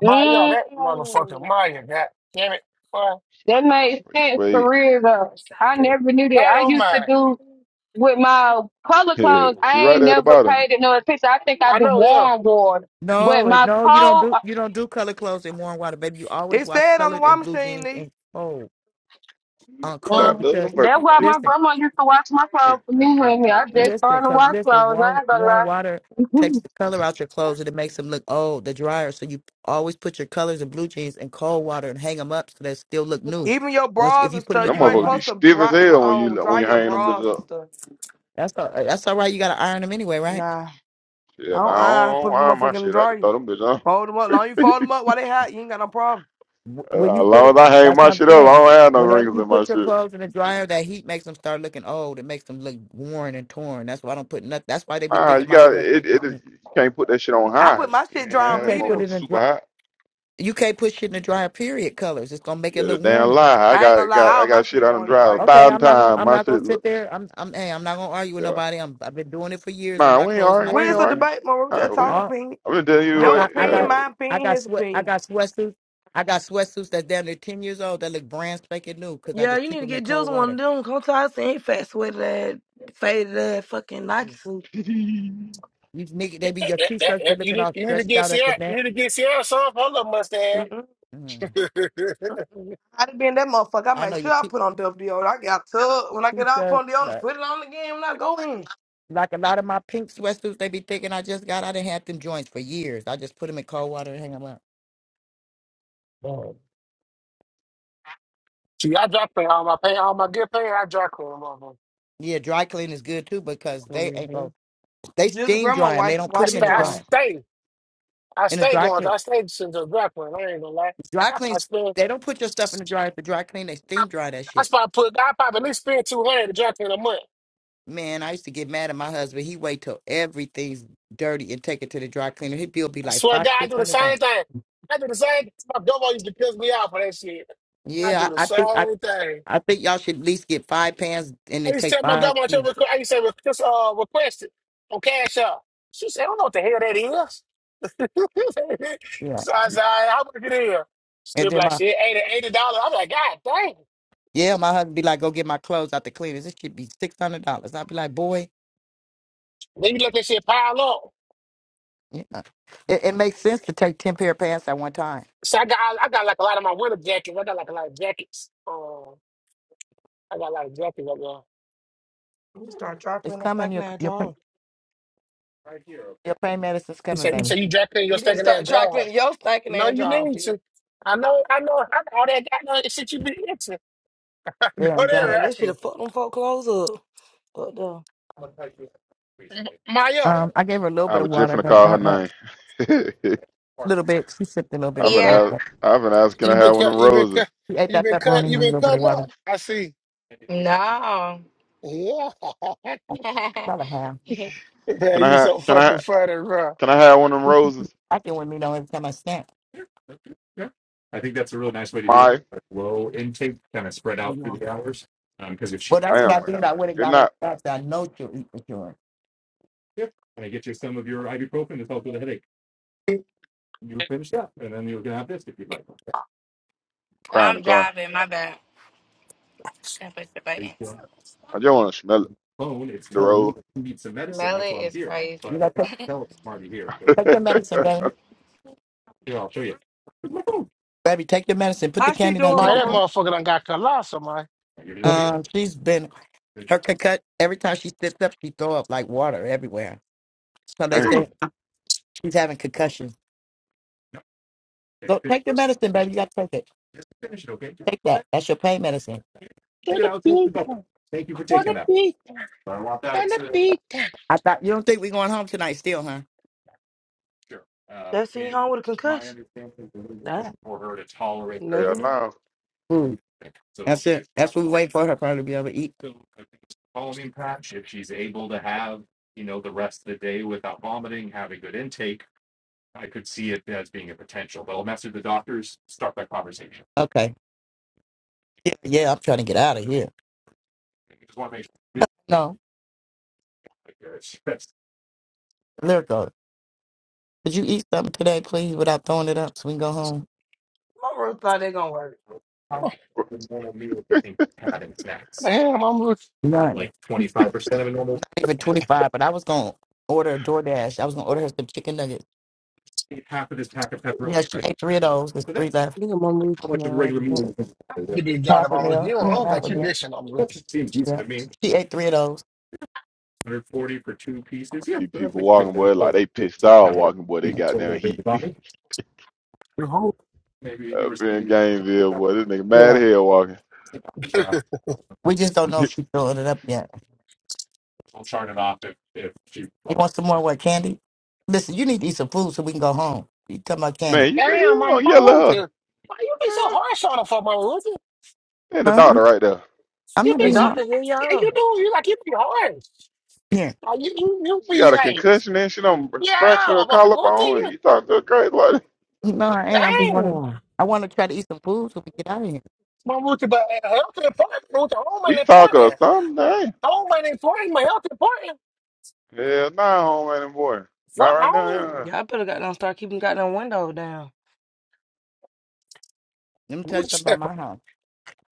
[SPEAKER 9] Maya, that
[SPEAKER 6] mm,
[SPEAKER 9] motherfucker Maya, god damn it, boy.
[SPEAKER 6] that made
[SPEAKER 1] Sweet,
[SPEAKER 6] sense for
[SPEAKER 1] sweet.
[SPEAKER 6] real though. I
[SPEAKER 11] Exactly.
[SPEAKER 6] never knew that.
[SPEAKER 9] That
[SPEAKER 6] I
[SPEAKER 9] don't
[SPEAKER 6] used to
[SPEAKER 9] matter.
[SPEAKER 6] do with my color
[SPEAKER 1] Yeah,
[SPEAKER 6] codes. I
[SPEAKER 1] she right
[SPEAKER 6] ain't
[SPEAKER 1] there at the
[SPEAKER 6] never
[SPEAKER 1] bottom.
[SPEAKER 6] paid it no attention. I think I
[SPEAKER 9] I
[SPEAKER 6] do
[SPEAKER 9] know, yeah.
[SPEAKER 6] warm water, but
[SPEAKER 8] No, it,
[SPEAKER 6] my
[SPEAKER 8] no, you don't
[SPEAKER 6] code.
[SPEAKER 8] do
[SPEAKER 6] Uh,
[SPEAKER 8] you don't do color clothes in warm water, baby. You always
[SPEAKER 7] It
[SPEAKER 8] wash
[SPEAKER 7] said on the
[SPEAKER 8] colored
[SPEAKER 7] washing
[SPEAKER 8] and blue
[SPEAKER 7] machine,
[SPEAKER 8] jeans
[SPEAKER 7] Neek.
[SPEAKER 8] in cold on
[SPEAKER 1] I
[SPEAKER 8] cold
[SPEAKER 6] uh,
[SPEAKER 1] love
[SPEAKER 8] because
[SPEAKER 1] them
[SPEAKER 6] that's
[SPEAKER 1] fucking
[SPEAKER 6] why
[SPEAKER 1] kicks.
[SPEAKER 6] my
[SPEAKER 8] listen,
[SPEAKER 6] grandma used to wash my
[SPEAKER 1] Mm,
[SPEAKER 6] clothes for
[SPEAKER 1] mm,
[SPEAKER 6] me.
[SPEAKER 1] mm,
[SPEAKER 6] Honey. I
[SPEAKER 1] mm, mm.
[SPEAKER 6] just
[SPEAKER 8] listen,
[SPEAKER 6] started to
[SPEAKER 8] because
[SPEAKER 6] wash
[SPEAKER 8] listen,
[SPEAKER 6] clothes. I
[SPEAKER 8] warm
[SPEAKER 6] ain't
[SPEAKER 8] warm
[SPEAKER 6] gonna
[SPEAKER 8] water
[SPEAKER 6] lie.
[SPEAKER 8] takes the color out your clothes and it makes them look old. The dryer, so you always put your colors and blue jeans in cold water and hang them up so they still look new.
[SPEAKER 7] Even your
[SPEAKER 8] Once
[SPEAKER 7] bras
[SPEAKER 8] if you
[SPEAKER 7] and
[SPEAKER 8] put them
[SPEAKER 7] stuff,
[SPEAKER 8] in
[SPEAKER 1] Them
[SPEAKER 7] you ain't
[SPEAKER 8] cold
[SPEAKER 1] motherfuckers be
[SPEAKER 7] supposed
[SPEAKER 8] water,
[SPEAKER 7] to
[SPEAKER 1] stiff as
[SPEAKER 7] dry,
[SPEAKER 1] hell when
[SPEAKER 7] um,
[SPEAKER 1] you
[SPEAKER 7] dry
[SPEAKER 1] when you
[SPEAKER 7] your
[SPEAKER 1] hang them
[SPEAKER 7] bras
[SPEAKER 1] bitches
[SPEAKER 7] and
[SPEAKER 1] up.
[SPEAKER 7] stuff.
[SPEAKER 8] that's all, that's all right. You got to iron them anyway, right?
[SPEAKER 7] Nah, I
[SPEAKER 1] Yeah,
[SPEAKER 7] don't
[SPEAKER 1] nah, I
[SPEAKER 7] uh,
[SPEAKER 1] don't
[SPEAKER 7] put them
[SPEAKER 1] hang my
[SPEAKER 7] motherfucking in the
[SPEAKER 1] shit. I just
[SPEAKER 7] dryer.
[SPEAKER 1] throw them bitches up.
[SPEAKER 7] Fold them up. Long you
[SPEAKER 1] as
[SPEAKER 7] fold them up while they hot, you ain't got no problem.
[SPEAKER 8] Wh- when you put it,
[SPEAKER 1] long as I hang
[SPEAKER 8] that's
[SPEAKER 1] my
[SPEAKER 8] what I'm
[SPEAKER 1] shit up,
[SPEAKER 8] saying.
[SPEAKER 1] I don't have no
[SPEAKER 8] Whenever
[SPEAKER 1] rings
[SPEAKER 8] you
[SPEAKER 1] in my
[SPEAKER 8] put your
[SPEAKER 1] shit.
[SPEAKER 8] clothes in the dryer, that heat makes them start looking old. It makes them look worn and torn. That's why I don't put nothing. That's why they be
[SPEAKER 1] Ah, you
[SPEAKER 8] thinking my
[SPEAKER 1] got it.
[SPEAKER 8] sweatsuit is
[SPEAKER 1] It is
[SPEAKER 8] new.
[SPEAKER 1] you can't put that shit on
[SPEAKER 7] I
[SPEAKER 1] high.
[SPEAKER 7] put my
[SPEAKER 1] You
[SPEAKER 7] shit
[SPEAKER 1] ain't
[SPEAKER 7] dry
[SPEAKER 8] You
[SPEAKER 7] on
[SPEAKER 1] had that
[SPEAKER 8] can't put
[SPEAKER 7] medium.
[SPEAKER 1] motherfucker
[SPEAKER 8] it in
[SPEAKER 1] super
[SPEAKER 8] dry.
[SPEAKER 1] high.
[SPEAKER 8] You can't put shit in the dryer. Period. Colors. It's gonna make it
[SPEAKER 1] Yeah, the
[SPEAKER 8] look
[SPEAKER 1] damn
[SPEAKER 8] worn again.
[SPEAKER 1] lie. I
[SPEAKER 7] I ain't gonna
[SPEAKER 1] got got
[SPEAKER 7] lie, all
[SPEAKER 1] I
[SPEAKER 7] my
[SPEAKER 1] got shit
[SPEAKER 7] shit
[SPEAKER 1] I done
[SPEAKER 7] going
[SPEAKER 1] drive a
[SPEAKER 7] dry.
[SPEAKER 8] Okay,
[SPEAKER 1] thousand
[SPEAKER 8] I'm not gonna.
[SPEAKER 1] times.
[SPEAKER 8] I'm
[SPEAKER 1] My
[SPEAKER 8] not
[SPEAKER 1] shit
[SPEAKER 8] gonna sit
[SPEAKER 1] look.
[SPEAKER 8] there. I'm. I'm. Hey, I'm not gonna argue with
[SPEAKER 1] Yeah,
[SPEAKER 8] nobody. I'm. I've been doing it for years with
[SPEAKER 1] Man,
[SPEAKER 8] my
[SPEAKER 1] we ain't
[SPEAKER 8] clothes and my
[SPEAKER 1] arguing. We ain't
[SPEAKER 7] Where's
[SPEAKER 8] kids.
[SPEAKER 7] the
[SPEAKER 8] so.
[SPEAKER 7] debate, Maru?
[SPEAKER 1] All
[SPEAKER 7] Just
[SPEAKER 1] right, we
[SPEAKER 7] talking
[SPEAKER 8] Oh,
[SPEAKER 1] are.
[SPEAKER 7] opinion.
[SPEAKER 1] I'm gonna tell you
[SPEAKER 8] I
[SPEAKER 7] Your
[SPEAKER 8] got. I
[SPEAKER 7] opinion,
[SPEAKER 8] got.
[SPEAKER 7] my
[SPEAKER 1] what.
[SPEAKER 8] I
[SPEAKER 7] opinion,
[SPEAKER 8] got
[SPEAKER 7] his
[SPEAKER 8] sweat. I
[SPEAKER 7] opinion.
[SPEAKER 8] got sweatsuits. I got sweatsuits that's down there ten years old that look brand spanking new because I
[SPEAKER 7] Yeah,
[SPEAKER 8] just
[SPEAKER 7] you
[SPEAKER 8] keep
[SPEAKER 7] need to
[SPEAKER 8] them in
[SPEAKER 7] get Jules
[SPEAKER 8] cold
[SPEAKER 7] one of
[SPEAKER 8] water.
[SPEAKER 7] them. Come to us and fat sweated ass, faded ass, fucking Nike suit.
[SPEAKER 1] Yeah.
[SPEAKER 8] These niggas, they be
[SPEAKER 9] That-
[SPEAKER 8] your
[SPEAKER 9] that- that-
[SPEAKER 8] t-shirts be
[SPEAKER 9] that- you
[SPEAKER 8] looking
[SPEAKER 9] need
[SPEAKER 8] all
[SPEAKER 9] you need to
[SPEAKER 8] stretched
[SPEAKER 9] get
[SPEAKER 8] out at the
[SPEAKER 9] Sierra, you
[SPEAKER 8] neck.
[SPEAKER 9] need to get Sierra some for her little mustache.
[SPEAKER 8] Mm.
[SPEAKER 7] I done been that motherfucker. I
[SPEAKER 8] I know
[SPEAKER 7] make sure
[SPEAKER 8] your
[SPEAKER 7] I
[SPEAKER 8] t-
[SPEAKER 7] put on WD-40. I got tub. When I get out, put
[SPEAKER 8] t-shirt,
[SPEAKER 7] on deodorant,
[SPEAKER 8] like
[SPEAKER 7] put it on again when I go in.
[SPEAKER 8] like a lot of my pink sweatsuits, they be thinking I just got. I didn't have them joints for years. I just put them in cold water and hang them up.
[SPEAKER 9] Oh. See, I dry clean all my pain, all my good pain. I dry clean, motherfucker.
[SPEAKER 8] Yeah, dry clean is good too because they ain't
[SPEAKER 9] hmm
[SPEAKER 8] go. They
[SPEAKER 7] Just
[SPEAKER 8] steam
[SPEAKER 7] grandma
[SPEAKER 8] dry them. They
[SPEAKER 7] wipe it,
[SPEAKER 8] don't put
[SPEAKER 9] I
[SPEAKER 7] wash
[SPEAKER 8] them
[SPEAKER 7] your
[SPEAKER 8] in
[SPEAKER 9] stay.
[SPEAKER 8] the
[SPEAKER 9] I
[SPEAKER 7] drawer.
[SPEAKER 8] dryer.
[SPEAKER 9] stay. I
[SPEAKER 8] In the
[SPEAKER 9] stay
[SPEAKER 8] dry
[SPEAKER 9] going.
[SPEAKER 8] clean,
[SPEAKER 9] I stay to the grappling. I ain't gonna lie.
[SPEAKER 8] dry
[SPEAKER 9] I probably
[SPEAKER 8] cleans,
[SPEAKER 9] spend.
[SPEAKER 8] they don't put your stuff in the dryer. the dry clean, they steam dry that
[SPEAKER 9] I
[SPEAKER 8] shit.
[SPEAKER 9] probably put. I probably at least spend two hundred grappling a month.
[SPEAKER 8] Man, I used to get mad at my husband. He wait till everything's dirty and take it to the dry cleaner. His bill be
[SPEAKER 9] I
[SPEAKER 8] like
[SPEAKER 9] swear to
[SPEAKER 8] five,
[SPEAKER 9] God, I
[SPEAKER 8] six
[SPEAKER 9] do the
[SPEAKER 8] hundred dollars.
[SPEAKER 9] same thing. I do the same. thing. My grandma used to piss me off for that shit. I
[SPEAKER 8] Yeah,
[SPEAKER 9] do the
[SPEAKER 8] I I think I
[SPEAKER 9] same thing.
[SPEAKER 8] I think y'all should at least get five pants, and
[SPEAKER 9] I
[SPEAKER 8] it
[SPEAKER 9] used to
[SPEAKER 8] takes
[SPEAKER 9] tell my
[SPEAKER 8] five.
[SPEAKER 9] grandma, to
[SPEAKER 8] Yeah.
[SPEAKER 9] requ- I used to say, just uh, request it on Cash App. She said, I don't know what the hell that is.
[SPEAKER 8] yeah.
[SPEAKER 9] so I said, all right, how much it is?
[SPEAKER 8] And
[SPEAKER 9] Still be
[SPEAKER 8] then
[SPEAKER 9] like,
[SPEAKER 8] my
[SPEAKER 9] shit, $80, $80. I'm like, God dang.
[SPEAKER 8] yeah, my husband be like, go get my clothes out the cleaners. It should be six hundred dollars. I'd be like, boy,
[SPEAKER 9] Then you let that shit pile up.
[SPEAKER 8] yeah. It, it makes sense to take ten pair of pants at one time.
[SPEAKER 9] So I got I got like a lot of my winter jackets. I got like a lot of jackets. Um, I got a lot of jackets up there.
[SPEAKER 7] You start dry
[SPEAKER 8] It's
[SPEAKER 7] cleaning your
[SPEAKER 8] coming,
[SPEAKER 7] stinking
[SPEAKER 8] your
[SPEAKER 7] ass
[SPEAKER 8] your pa-
[SPEAKER 7] drawer.
[SPEAKER 8] your pain medicine's
[SPEAKER 9] You
[SPEAKER 8] coming,
[SPEAKER 9] said you
[SPEAKER 8] baby.
[SPEAKER 9] said you dropped in your
[SPEAKER 7] You need to
[SPEAKER 9] second hand
[SPEAKER 7] start dry
[SPEAKER 9] job.
[SPEAKER 7] cleaning your stinking
[SPEAKER 9] No,
[SPEAKER 7] ass
[SPEAKER 9] you
[SPEAKER 7] drawer,
[SPEAKER 9] need
[SPEAKER 7] bitch.
[SPEAKER 9] to. I know, I know, I know all that. I know that shit you been into. Know
[SPEAKER 8] Yeah, you got it.
[SPEAKER 7] Man,
[SPEAKER 9] that
[SPEAKER 7] this should
[SPEAKER 9] right,
[SPEAKER 7] have fucked them folk clothes up. What the?
[SPEAKER 9] M- Maya?
[SPEAKER 8] Um, I gave her a little
[SPEAKER 1] I
[SPEAKER 8] bit of
[SPEAKER 1] was just
[SPEAKER 8] water,
[SPEAKER 1] finna
[SPEAKER 8] but
[SPEAKER 1] call her
[SPEAKER 8] not much.
[SPEAKER 1] name.
[SPEAKER 8] A little bit. She sipped a little bit
[SPEAKER 1] I've
[SPEAKER 8] when
[SPEAKER 1] been
[SPEAKER 8] she ate
[SPEAKER 12] Yeah.
[SPEAKER 1] ask,
[SPEAKER 8] that.
[SPEAKER 1] I've been asking. Can I
[SPEAKER 9] You been
[SPEAKER 1] have one of
[SPEAKER 9] cut,
[SPEAKER 1] them
[SPEAKER 9] you been
[SPEAKER 1] roses?
[SPEAKER 9] cut,
[SPEAKER 8] She ate
[SPEAKER 9] you
[SPEAKER 8] that
[SPEAKER 9] been
[SPEAKER 8] pepperoni
[SPEAKER 9] cut,
[SPEAKER 8] and
[SPEAKER 9] you
[SPEAKER 8] a
[SPEAKER 9] been
[SPEAKER 8] little bit of
[SPEAKER 9] cutting
[SPEAKER 8] water.
[SPEAKER 9] up. I see.
[SPEAKER 12] No.
[SPEAKER 9] Yeah,
[SPEAKER 8] About a half.
[SPEAKER 9] yeah,
[SPEAKER 1] Can I
[SPEAKER 9] you
[SPEAKER 1] have?
[SPEAKER 9] so
[SPEAKER 1] Can
[SPEAKER 9] fucking
[SPEAKER 1] I?
[SPEAKER 9] funny, bro.
[SPEAKER 1] Can I have one of them roses?
[SPEAKER 8] pocket with me though every time I snack. Yeah, okay, yeah. I think that's a really nice way to do it.
[SPEAKER 1] My,
[SPEAKER 8] like low intake, kind of spread
[SPEAKER 9] You
[SPEAKER 8] out through
[SPEAKER 9] know,
[SPEAKER 8] the hours. Um, Because if she Well,
[SPEAKER 1] I
[SPEAKER 8] that's what
[SPEAKER 1] am.
[SPEAKER 8] I did. I went and
[SPEAKER 1] Good
[SPEAKER 8] got her
[SPEAKER 1] not
[SPEAKER 8] stuff that I know she'll eat for sure. Yeah. And I get you some of your ibuprofen to help with a headache. You're finished up, and then you're gonna have this if you'd like.
[SPEAKER 1] Crying in
[SPEAKER 12] I'm
[SPEAKER 1] the car.
[SPEAKER 12] driving. My bad. Can't push the
[SPEAKER 8] Are you
[SPEAKER 12] button.
[SPEAKER 8] on the
[SPEAKER 1] I just want to smell it.
[SPEAKER 8] phone? It's
[SPEAKER 1] The
[SPEAKER 8] telling me
[SPEAKER 1] rose.
[SPEAKER 8] that you need some medicine. That's
[SPEAKER 12] Melly
[SPEAKER 8] why I'm
[SPEAKER 12] is
[SPEAKER 8] here.
[SPEAKER 12] crazy.
[SPEAKER 8] But You I gotta take, can't tell if I'm already here. So take your medicine, baby. here I'll show you. Look at 'em. Baby, take your medicine. Put the
[SPEAKER 7] How she
[SPEAKER 8] candy down.
[SPEAKER 7] doing,
[SPEAKER 8] Take
[SPEAKER 9] my
[SPEAKER 8] your
[SPEAKER 9] that
[SPEAKER 7] Mama?
[SPEAKER 8] medicine.
[SPEAKER 7] Ruth?
[SPEAKER 9] motherfucker done got colossal, man.
[SPEAKER 8] Um, she's been her concut. Every time she sits up, she throw up like water everywhere. So they
[SPEAKER 1] Damn.
[SPEAKER 8] say she's having concussion. So take the medicine, baby. You got to take it. Take that. That's your pain medicine.
[SPEAKER 9] For the
[SPEAKER 8] I
[SPEAKER 9] pizza, for the pizza, for the pizza.
[SPEAKER 8] thought you don't think we're going home tonight, still,
[SPEAKER 7] That she home with a concussion? Nah, you
[SPEAKER 8] huh?
[SPEAKER 7] never
[SPEAKER 1] Hell
[SPEAKER 7] knew.
[SPEAKER 1] no.
[SPEAKER 8] food. That's it. That's what we wait for her probably to be able to eat. So Following patch, if she's able to have, you know, the the the rest of the day without vomiting, have a good intake, I I'll could see it as being a potential. But I'll message the doctors, start that conversation. Okay. Yeah, yeah, I'm trying to get out of here. Just want to make sure. No, lyrical. Could you eat something today, please, without throwing it up so we can go home?
[SPEAKER 7] Mama Ruth thought they gonna work.
[SPEAKER 8] How
[SPEAKER 1] I
[SPEAKER 8] would you want a meal if you think having snacks?
[SPEAKER 9] Damn, I'm.
[SPEAKER 8] None. like 25% of a normal Not even 25, but I was going to order a DoorDash. I was going to order her some chicken nuggets. half of this pack of pepperoni. Yeah, she Right? ate three of those. There's So three that's left.
[SPEAKER 7] Look at Mama Ruth
[SPEAKER 8] how much of a
[SPEAKER 7] now.
[SPEAKER 8] regular
[SPEAKER 7] having
[SPEAKER 8] meal is
[SPEAKER 7] sex.
[SPEAKER 8] this? Is it?
[SPEAKER 9] You been got
[SPEAKER 8] Half a
[SPEAKER 9] about it. You
[SPEAKER 8] meal.
[SPEAKER 9] don't I
[SPEAKER 8] Yeah,
[SPEAKER 9] don't
[SPEAKER 8] half
[SPEAKER 9] think
[SPEAKER 8] a
[SPEAKER 9] you
[SPEAKER 8] meal.
[SPEAKER 9] missing on me.
[SPEAKER 8] That seems decent. Yeah. I mean, She ate three of those. 140 for two pieces. Yeah,
[SPEAKER 1] see
[SPEAKER 8] so that's
[SPEAKER 1] people
[SPEAKER 8] like
[SPEAKER 1] walking, boy,
[SPEAKER 8] 300 or
[SPEAKER 1] like they pissed
[SPEAKER 8] some
[SPEAKER 1] off
[SPEAKER 8] kind of
[SPEAKER 1] walking, boy. They
[SPEAKER 8] decent
[SPEAKER 1] got
[SPEAKER 8] for a
[SPEAKER 1] down
[SPEAKER 8] little
[SPEAKER 1] heat.
[SPEAKER 8] baby body.
[SPEAKER 9] Your whole-
[SPEAKER 8] Maybe you were
[SPEAKER 1] Up in
[SPEAKER 8] saying
[SPEAKER 1] Gainesville, boy, this nigga mad
[SPEAKER 8] Yeah.
[SPEAKER 1] as hell walking.
[SPEAKER 8] We just don't know if she filled it up yet. I'll chart it off if if she. You wants. want some more what candy? Listen, you need to eat some food so we can go home. You talking about candy?
[SPEAKER 1] Man, you,
[SPEAKER 9] Damn,
[SPEAKER 1] you
[SPEAKER 9] my
[SPEAKER 1] gonna
[SPEAKER 9] my
[SPEAKER 1] yell at
[SPEAKER 9] Luther. Why you be so
[SPEAKER 1] her?
[SPEAKER 9] harsh on her for my Luther?
[SPEAKER 1] And the
[SPEAKER 8] Huh? I'm
[SPEAKER 1] daughter right there.
[SPEAKER 8] I'm
[SPEAKER 9] You
[SPEAKER 8] not
[SPEAKER 7] The
[SPEAKER 9] be
[SPEAKER 8] being
[SPEAKER 9] so
[SPEAKER 8] hard.
[SPEAKER 7] doctor here,
[SPEAKER 9] yeah,
[SPEAKER 7] y'all.
[SPEAKER 9] you do you like you be harsh.
[SPEAKER 8] Yeah.
[SPEAKER 9] Like, you, you you
[SPEAKER 1] She
[SPEAKER 9] be
[SPEAKER 1] got a
[SPEAKER 9] like,
[SPEAKER 1] concussion and she don't fracture
[SPEAKER 9] yeah,
[SPEAKER 1] her
[SPEAKER 9] my Luther,
[SPEAKER 1] collarbone.
[SPEAKER 9] you
[SPEAKER 1] You talk to a crazy lady?
[SPEAKER 8] No, I ain't. I just want to.
[SPEAKER 9] dang.
[SPEAKER 8] I want to try to eat some food so we get out of here.
[SPEAKER 9] My Luther, but uh, health is important, Luther, home
[SPEAKER 1] we
[SPEAKER 9] ain't
[SPEAKER 1] talk or
[SPEAKER 9] important.
[SPEAKER 1] something. Hey.
[SPEAKER 9] Home ain't important, my health important.
[SPEAKER 1] Yeah, nah, homie and boy. Not
[SPEAKER 9] Fuck
[SPEAKER 1] right now,
[SPEAKER 9] home.
[SPEAKER 1] yeah.
[SPEAKER 7] Y'all better goddamn start keeping goddamn windows down.
[SPEAKER 8] Let me tell
[SPEAKER 9] why,
[SPEAKER 8] you something about my house.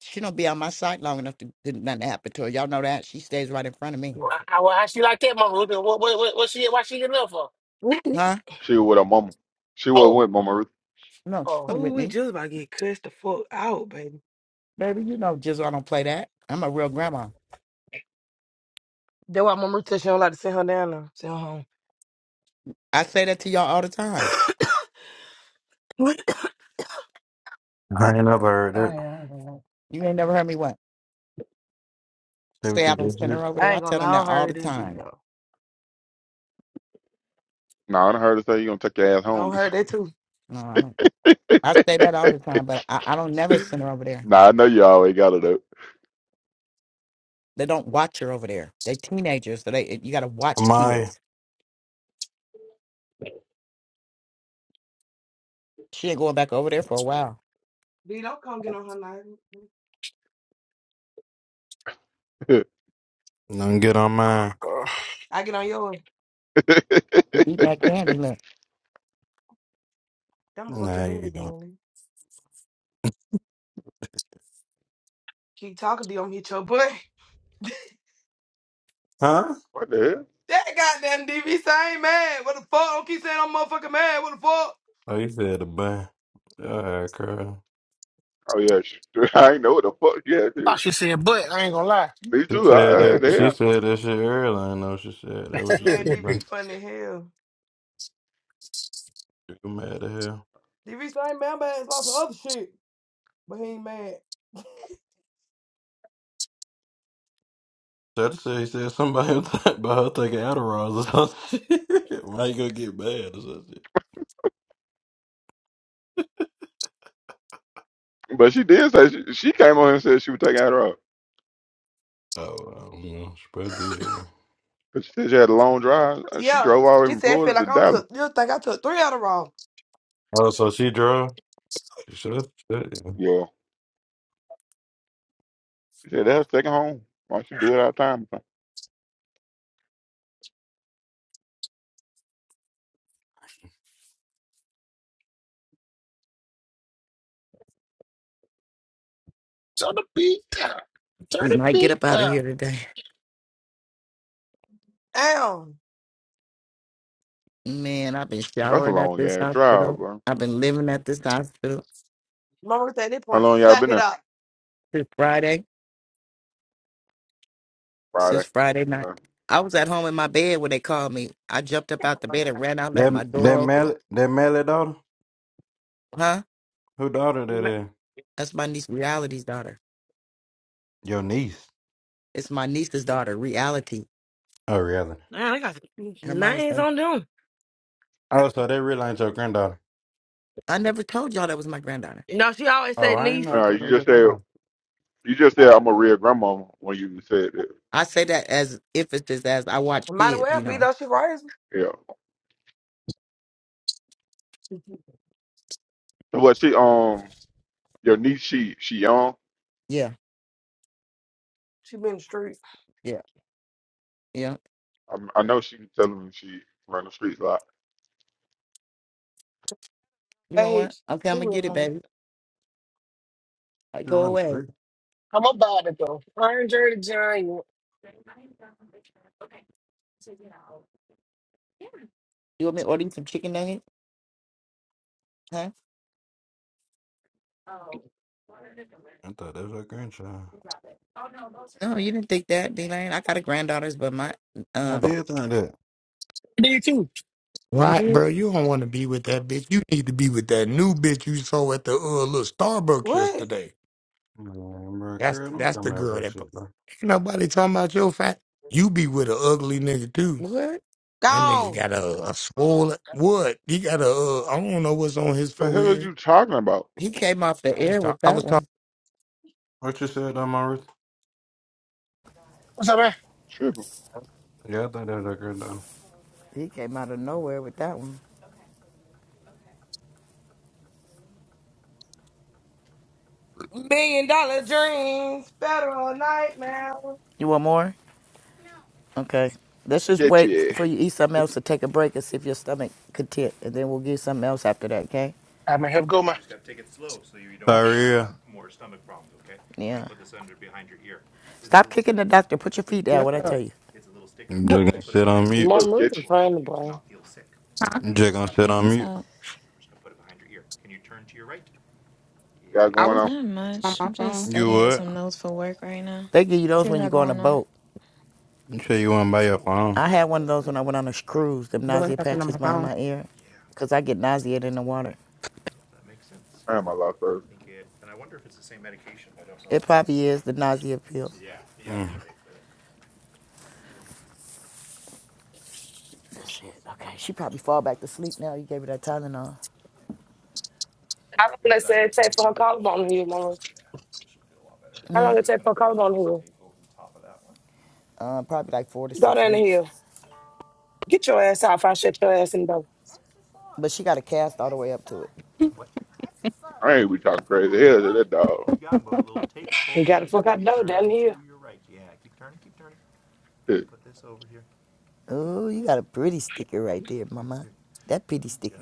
[SPEAKER 8] She don't be on my side long enough to, to nothing to happen to her. Y'all know that. She stays right in front of me.
[SPEAKER 9] why why she like that, my Luther? What what what, what she why she getting up for?
[SPEAKER 8] Huh?
[SPEAKER 1] She was with her mama. She was
[SPEAKER 9] Oh,
[SPEAKER 1] with mama Ruth.
[SPEAKER 8] No, she's
[SPEAKER 9] oh.
[SPEAKER 8] coming
[SPEAKER 7] Ooh,
[SPEAKER 8] with
[SPEAKER 7] we
[SPEAKER 8] me,
[SPEAKER 7] just about to get cussed the fuck out, baby.
[SPEAKER 8] baby. You know, Jizzle, I don't play that. I'm a real grandma.
[SPEAKER 7] That's why Mama Ruth said she don't like to send her down there. Send her home.
[SPEAKER 8] I say that to y'all all the time.
[SPEAKER 13] I ain't never heard
[SPEAKER 7] I
[SPEAKER 13] it.
[SPEAKER 7] ain't, gonna lie,
[SPEAKER 8] You ain't never heard me what?
[SPEAKER 13] Say what
[SPEAKER 8] Say
[SPEAKER 13] you
[SPEAKER 8] I don't
[SPEAKER 13] just
[SPEAKER 8] send
[SPEAKER 13] said.
[SPEAKER 8] her over
[SPEAKER 7] I
[SPEAKER 8] there. I
[SPEAKER 7] ain't gonna
[SPEAKER 8] tell
[SPEAKER 7] lie,
[SPEAKER 8] them
[SPEAKER 7] I don't
[SPEAKER 8] that all
[SPEAKER 7] heard
[SPEAKER 8] the
[SPEAKER 7] that,
[SPEAKER 8] time.
[SPEAKER 7] Dino.
[SPEAKER 1] Nah, I done heard her say you gonna take your ass
[SPEAKER 7] I don't
[SPEAKER 1] home.
[SPEAKER 7] heard that too.
[SPEAKER 8] No, I don't. I say that all the time, but I, I don't never send her over there.
[SPEAKER 1] nah, I know you always got it up.
[SPEAKER 8] They don't watch her over there. They teenagers, so they you gotta watch
[SPEAKER 13] My,
[SPEAKER 8] kids. She ain't going back over there for a while.
[SPEAKER 7] Dino, come get on her nerve.
[SPEAKER 13] don't get on mine.
[SPEAKER 9] I
[SPEAKER 7] I get on yours.
[SPEAKER 8] You eating that candy? Look,
[SPEAKER 7] Don't fuck your
[SPEAKER 13] Nah,
[SPEAKER 7] bed
[SPEAKER 13] you don't.
[SPEAKER 7] again. Keep talking D. you, I'm gonna hit your butt.
[SPEAKER 13] Huh?
[SPEAKER 1] what the hell?
[SPEAKER 7] That goddamn DV, so I ain't mad. What the fuck? I don't keep saying I'm motherfucking mad. What the fuck?
[SPEAKER 13] Oh, you said a bun. Alright, girl.
[SPEAKER 1] Oh yeah, she, I ain't know what the fuck yeah had
[SPEAKER 9] thought she said, but I ain't gonna
[SPEAKER 1] Me
[SPEAKER 13] She
[SPEAKER 1] too.
[SPEAKER 13] said
[SPEAKER 1] I, I-
[SPEAKER 13] that.
[SPEAKER 1] the
[SPEAKER 13] She
[SPEAKER 1] hell.
[SPEAKER 13] said that shit earlier. I know she said that. What you said,
[SPEAKER 7] Man,
[SPEAKER 9] lie.
[SPEAKER 13] bro?
[SPEAKER 7] DV funny as hell.
[SPEAKER 13] You mad at hell?
[SPEAKER 7] DV, so I ain't mad, but it's about some other shit. But he ain't mad.
[SPEAKER 13] So I just said he said somebody was talking about her taking Adderall or something. Why you gonna get mad or something?
[SPEAKER 1] But she did say she, she came on here and said she was taking her off.
[SPEAKER 13] Oh, I don't know. She probably did.
[SPEAKER 1] But she said she had a long drive. Uh, She
[SPEAKER 7] Yeah.
[SPEAKER 1] drove all the way
[SPEAKER 7] She
[SPEAKER 1] from
[SPEAKER 7] said, feel
[SPEAKER 1] Florida to
[SPEAKER 7] like I don't
[SPEAKER 1] Dallas.
[SPEAKER 7] took, you think I took three out of raw.
[SPEAKER 13] Oh, so she drove. She should have said. That
[SPEAKER 1] Yeah. Yeah, that's second home. Why don't you do it out of time?
[SPEAKER 9] Turn the beat down. Turn
[SPEAKER 8] we
[SPEAKER 9] the
[SPEAKER 8] might get
[SPEAKER 9] beat
[SPEAKER 8] up out of
[SPEAKER 9] down.
[SPEAKER 8] here today.
[SPEAKER 7] Damn.
[SPEAKER 8] Man, I've been
[SPEAKER 1] That's a
[SPEAKER 8] showering at
[SPEAKER 1] long
[SPEAKER 8] this
[SPEAKER 1] ass drive,
[SPEAKER 8] hospital.
[SPEAKER 1] bro.
[SPEAKER 8] I've been living at this hospital
[SPEAKER 7] Mama said, at this
[SPEAKER 1] How
[SPEAKER 7] point,
[SPEAKER 1] long y'all
[SPEAKER 7] suck
[SPEAKER 1] been
[SPEAKER 7] it
[SPEAKER 1] there?
[SPEAKER 7] up.
[SPEAKER 8] since Friday. Since
[SPEAKER 1] Friday.
[SPEAKER 8] Friday night,
[SPEAKER 1] Uh,
[SPEAKER 8] I was at home in my bed when they called me. I jumped up out the bed and ran out, left
[SPEAKER 13] that
[SPEAKER 8] my door
[SPEAKER 13] that
[SPEAKER 8] open.
[SPEAKER 13] Mel that Melly daughter.
[SPEAKER 8] Huh?
[SPEAKER 13] Who daughter that
[SPEAKER 7] Ma-
[SPEAKER 13] is?
[SPEAKER 8] That's my niece, Reality's daughter.
[SPEAKER 13] Your niece.
[SPEAKER 8] It's my niece's daughter, Reality.
[SPEAKER 13] Oh, really?
[SPEAKER 7] Man, I got
[SPEAKER 8] Her mama's
[SPEAKER 7] names
[SPEAKER 8] name.
[SPEAKER 7] on them.
[SPEAKER 13] Oh, so they really ain't your granddaughter.
[SPEAKER 8] I never told y'all that was my granddaughter.
[SPEAKER 7] No, she always
[SPEAKER 13] Oh,
[SPEAKER 7] say
[SPEAKER 13] I didn't
[SPEAKER 7] niece.
[SPEAKER 13] know. I
[SPEAKER 1] uh,
[SPEAKER 13] thought that
[SPEAKER 1] you
[SPEAKER 13] was your
[SPEAKER 1] just said
[SPEAKER 13] granddaughter.
[SPEAKER 1] you just said I'm a real grandmama when you said that.
[SPEAKER 8] I say that as emphasis as I watch
[SPEAKER 7] Might as
[SPEAKER 8] kids,
[SPEAKER 7] well
[SPEAKER 8] you
[SPEAKER 7] be
[SPEAKER 8] know.
[SPEAKER 7] though. She raised. me.
[SPEAKER 1] Yeah. Well, she um your niece she she young.
[SPEAKER 8] Yeah,
[SPEAKER 7] She been in the street.
[SPEAKER 8] yeah, yeah.
[SPEAKER 1] I, I know she was telling me she run the streets a lot.
[SPEAKER 8] You want
[SPEAKER 7] Age.
[SPEAKER 8] what? Okay,
[SPEAKER 7] She
[SPEAKER 8] I'm gonna
[SPEAKER 7] with
[SPEAKER 8] get it,
[SPEAKER 7] mama.
[SPEAKER 8] baby. Uh,
[SPEAKER 13] She
[SPEAKER 8] Go
[SPEAKER 13] run the
[SPEAKER 8] away.
[SPEAKER 13] street.
[SPEAKER 9] I'm about it though. Iron Dirty Giant.
[SPEAKER 8] You want me to order you some chicken nuggets? Huh?
[SPEAKER 13] I thought that was your grandchild.
[SPEAKER 8] No, you didn't think that, D Lane. I got a granddaughters, but my
[SPEAKER 13] I
[SPEAKER 8] um
[SPEAKER 13] did think that.
[SPEAKER 9] Me too.
[SPEAKER 8] You
[SPEAKER 14] Right,
[SPEAKER 8] did?
[SPEAKER 14] bro. You don't want to be with that bitch. You need to be with that new bitch you saw at the uh, little Starbucks
[SPEAKER 7] What?
[SPEAKER 14] yesterday.
[SPEAKER 13] Man, bro,
[SPEAKER 14] That's
[SPEAKER 13] girl, don't
[SPEAKER 14] that's
[SPEAKER 13] come
[SPEAKER 14] the
[SPEAKER 13] out with
[SPEAKER 14] girl
[SPEAKER 13] that
[SPEAKER 14] that pu-
[SPEAKER 13] shit, bro.
[SPEAKER 14] ain't nobody talking about your fat. You be with an ugly nigga too.
[SPEAKER 8] What?
[SPEAKER 14] That nigga
[SPEAKER 7] Gone.
[SPEAKER 14] got a, a swollen what? He got a uh, I don't know what's on his
[SPEAKER 1] The hell are
[SPEAKER 14] forehead.
[SPEAKER 1] you talking about?
[SPEAKER 8] He came off the
[SPEAKER 14] I was
[SPEAKER 8] air
[SPEAKER 14] talk,
[SPEAKER 8] with
[SPEAKER 14] I was
[SPEAKER 8] that
[SPEAKER 14] talking.
[SPEAKER 8] one.
[SPEAKER 13] What you said, though, Maurice?
[SPEAKER 9] What's up, man?
[SPEAKER 1] Tripping.
[SPEAKER 13] Yeah, I thought that was your granddaughter.
[SPEAKER 8] He came out of nowhere with that one.
[SPEAKER 7] Million dollar dreams. Federal nightmare.
[SPEAKER 8] You want more? Okay. Let's just
[SPEAKER 1] Get
[SPEAKER 8] wait f-
[SPEAKER 1] you.
[SPEAKER 8] for you eat something else to take a break and see if your stomach content and then we'll get something else after that, okay?
[SPEAKER 9] I may have go, man. Uh,
[SPEAKER 13] Sorry, yeah.
[SPEAKER 8] Yeah. Stop kicking the doctor. Put your feet down.
[SPEAKER 15] What's
[SPEAKER 8] What I
[SPEAKER 15] up?
[SPEAKER 8] tell you,
[SPEAKER 13] You just gonna sit on mute.
[SPEAKER 1] So
[SPEAKER 7] Mama Ruth is a
[SPEAKER 1] sketchy.
[SPEAKER 7] funny, boy.
[SPEAKER 15] Huh?
[SPEAKER 13] You just gonna sit
[SPEAKER 16] Hey,
[SPEAKER 13] on
[SPEAKER 16] what's
[SPEAKER 13] mute.
[SPEAKER 16] up?
[SPEAKER 1] Got
[SPEAKER 15] I
[SPEAKER 1] going
[SPEAKER 15] was
[SPEAKER 1] on.
[SPEAKER 16] Not
[SPEAKER 15] on
[SPEAKER 16] much.
[SPEAKER 15] my
[SPEAKER 16] I'm just
[SPEAKER 15] phone
[SPEAKER 13] You
[SPEAKER 16] studying
[SPEAKER 13] what?
[SPEAKER 16] some notes for work right now.
[SPEAKER 8] they give you
[SPEAKER 16] What
[SPEAKER 8] those
[SPEAKER 16] you
[SPEAKER 8] when you
[SPEAKER 16] got
[SPEAKER 8] go on a
[SPEAKER 16] going on?
[SPEAKER 8] boat.
[SPEAKER 13] You sure you wanna buy your phone?
[SPEAKER 8] I had one of those when I went on a cruise. Them
[SPEAKER 15] doing
[SPEAKER 8] nausea
[SPEAKER 15] something on
[SPEAKER 8] patches
[SPEAKER 15] my
[SPEAKER 8] behind
[SPEAKER 15] phone.
[SPEAKER 8] my ear, 'cause I get nauseated in the water.
[SPEAKER 1] I am a lot first.
[SPEAKER 8] I It probably is the nausea pill.
[SPEAKER 13] Mm.
[SPEAKER 8] That's it. Okay, she probably fall back to sleep now. You gave her that Tylenol.
[SPEAKER 7] How long they say it take for her collarbone to heal, Mama Ruth? How long it take for her collarbone to heal?
[SPEAKER 8] Uh, probably like four to
[SPEAKER 7] Go
[SPEAKER 8] six
[SPEAKER 7] down the
[SPEAKER 8] weeks,
[SPEAKER 7] hill. Get your ass out. If I shut your ass in the door.
[SPEAKER 8] but she got a cast all the way up to it.
[SPEAKER 1] I ain't be talking crazy. Hell to that dog.
[SPEAKER 7] They got the fuck out the door down the hill.
[SPEAKER 1] It
[SPEAKER 8] Oh, you got a pretty sticker right there, mama. That pretty sticker.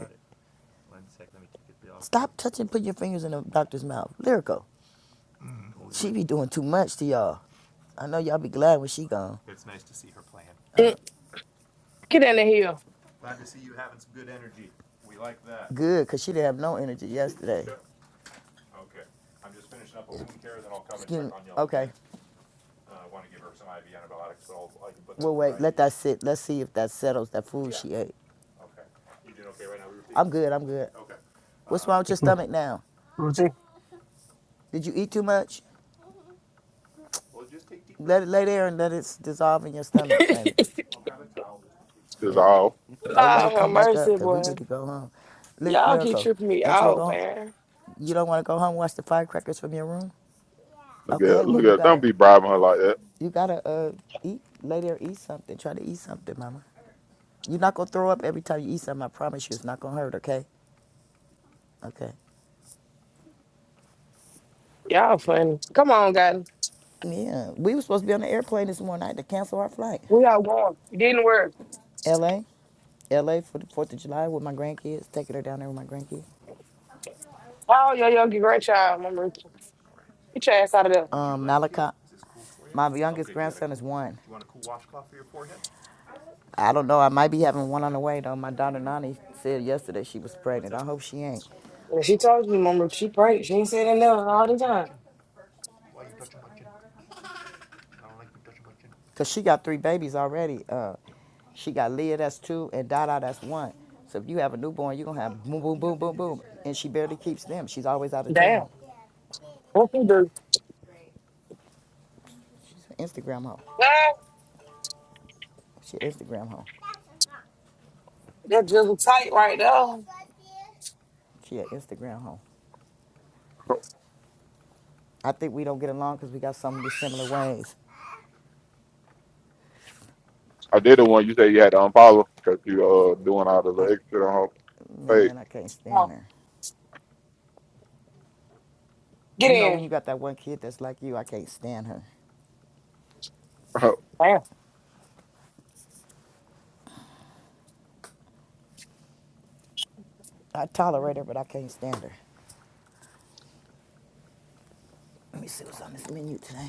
[SPEAKER 8] Stop touching, Put your fingers in the doctor's mouth. Lyrical. She be doing too much to y'all. I know y'all be glad when she gone.
[SPEAKER 7] Mm, Get down
[SPEAKER 8] Good, because she didn't have no energy yesterday. Excuse and me. Okay, we'll wait. Let that sit. Let's see if that settles that food Yeah. she ate. You did okay. I'm good, I'm good. Okay. What's Uh, wrong with your stomach now?
[SPEAKER 9] routine.
[SPEAKER 8] Did you eat too much? Let it lay there and let it dissolve in your stomach,
[SPEAKER 7] the hill.
[SPEAKER 8] baby. Shit.
[SPEAKER 1] dissolve.
[SPEAKER 8] Don't let
[SPEAKER 7] Lord
[SPEAKER 8] it
[SPEAKER 7] have
[SPEAKER 8] come back up
[SPEAKER 7] mercy,
[SPEAKER 8] because we
[SPEAKER 7] boy.
[SPEAKER 8] need to go home. Ly-
[SPEAKER 7] Y'all keep
[SPEAKER 8] Lyrical,
[SPEAKER 7] tripping me
[SPEAKER 8] don't you want to
[SPEAKER 7] out,
[SPEAKER 8] go home?
[SPEAKER 7] man.
[SPEAKER 8] You don't want to go home and watch the firecrackers from your room?
[SPEAKER 1] Look
[SPEAKER 8] Okay,
[SPEAKER 1] at
[SPEAKER 8] well,
[SPEAKER 1] look
[SPEAKER 8] you
[SPEAKER 1] at. Don't
[SPEAKER 8] gotta,
[SPEAKER 1] be bribing her like that.
[SPEAKER 8] you gotta uh, eat, lay there, eat something. Try to eat something, mama. You're not gonna throw up every time you eat something. I promise you, it's not gonna hurt, okay? Okay.
[SPEAKER 7] Y'all funny. Come on, God.
[SPEAKER 8] Yeah, we were supposed to be on the airplane this morning. I had to cancel our flight.
[SPEAKER 7] We all going. Get in the word.
[SPEAKER 8] L. A. L. A. for the 4th of July with my grandkids, taking her down there with my grandkids.
[SPEAKER 7] Oh, yo, yo, get grandchild, Mama Ruth. Get your ass out of there.
[SPEAKER 8] Um, Malachi. My youngest okay, grandson is one. I don't know. I might be having one on the way though. My daughter Nani said yesterday she was pregnant. I hope she ain't,
[SPEAKER 7] And she told me, Mama Ruth, she prayed. She ain't said that now all the time.
[SPEAKER 8] cause she got three babies already. Uh, she got Leah, that's two, and Dada, that's one. So if you have a newborn, you are gonna have boom, boom, boom, boom, boom, and she barely keeps them. She's always out of
[SPEAKER 7] Damn.
[SPEAKER 8] town.
[SPEAKER 7] What you do?
[SPEAKER 8] She's an Instagram hoe.
[SPEAKER 7] Ah,
[SPEAKER 8] She an Instagram hoe.
[SPEAKER 7] That jizzle tight right there. Come
[SPEAKER 8] She an Instagram hoe. I think we don't get along because we got so many similar ways.
[SPEAKER 1] I did the one you said you had to unfollow because you uh doing all the
[SPEAKER 8] I,
[SPEAKER 1] little extra on her
[SPEAKER 8] man, I can't stand
[SPEAKER 7] on.
[SPEAKER 8] her.
[SPEAKER 7] Get
[SPEAKER 8] You know when
[SPEAKER 7] in.
[SPEAKER 8] you got that one kid that's like you, I can't stand her.
[SPEAKER 1] page.
[SPEAKER 7] Damn.
[SPEAKER 8] I tolerate her, but I can't stand her. Let me see what's on this menu today.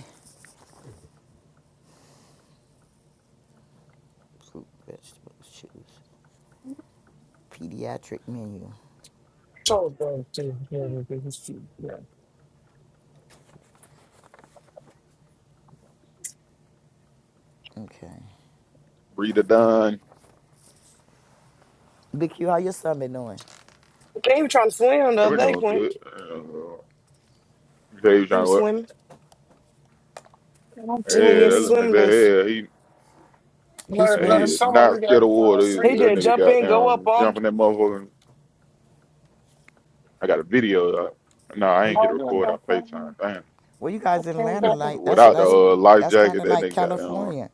[SPEAKER 8] Fruit, vegetables, shoes. Pediatric menu.
[SPEAKER 9] So bro, too. Yeah, yeah, yeah, yeah, yeah.
[SPEAKER 8] Okay.
[SPEAKER 1] Breeder done.
[SPEAKER 8] Big Q, how your son been doing?
[SPEAKER 7] He was trying to swim the other
[SPEAKER 1] Everything
[SPEAKER 7] day,
[SPEAKER 1] doing good.
[SPEAKER 7] Quint.
[SPEAKER 1] Uh, you say you
[SPEAKER 7] He
[SPEAKER 1] trying to
[SPEAKER 7] was
[SPEAKER 1] what?
[SPEAKER 7] swimming.
[SPEAKER 9] And I'm
[SPEAKER 1] Yeah,
[SPEAKER 7] He didn't
[SPEAKER 9] telling
[SPEAKER 7] get
[SPEAKER 1] that little
[SPEAKER 9] you,
[SPEAKER 1] nigga,
[SPEAKER 7] swimming lessons.
[SPEAKER 1] that- yeah, he,
[SPEAKER 8] He
[SPEAKER 9] Bloody
[SPEAKER 1] that he
[SPEAKER 9] bloody
[SPEAKER 8] swim.
[SPEAKER 1] is
[SPEAKER 9] summer.
[SPEAKER 1] not
[SPEAKER 9] We got
[SPEAKER 1] scared of water.
[SPEAKER 9] five
[SPEAKER 7] He
[SPEAKER 1] Either. That
[SPEAKER 7] just
[SPEAKER 9] friends.
[SPEAKER 1] nigga
[SPEAKER 7] jump
[SPEAKER 1] got
[SPEAKER 7] in, go up
[SPEAKER 1] down
[SPEAKER 7] on
[SPEAKER 1] jumping that motherfucker. and I got a video. Of that. No, I ain't
[SPEAKER 8] He.
[SPEAKER 1] get to
[SPEAKER 9] All in
[SPEAKER 1] record. I
[SPEAKER 9] about five.
[SPEAKER 1] FaceTime. Damn.
[SPEAKER 8] Well, you
[SPEAKER 9] I
[SPEAKER 8] guys in
[SPEAKER 9] came
[SPEAKER 8] Atlanta,
[SPEAKER 1] If,
[SPEAKER 9] back and.
[SPEAKER 8] like that's
[SPEAKER 1] without
[SPEAKER 9] what?
[SPEAKER 1] the
[SPEAKER 8] that's
[SPEAKER 1] uh, life
[SPEAKER 8] that's kind
[SPEAKER 1] jacket,
[SPEAKER 8] of
[SPEAKER 1] that
[SPEAKER 8] like
[SPEAKER 1] nigga got down.
[SPEAKER 8] California.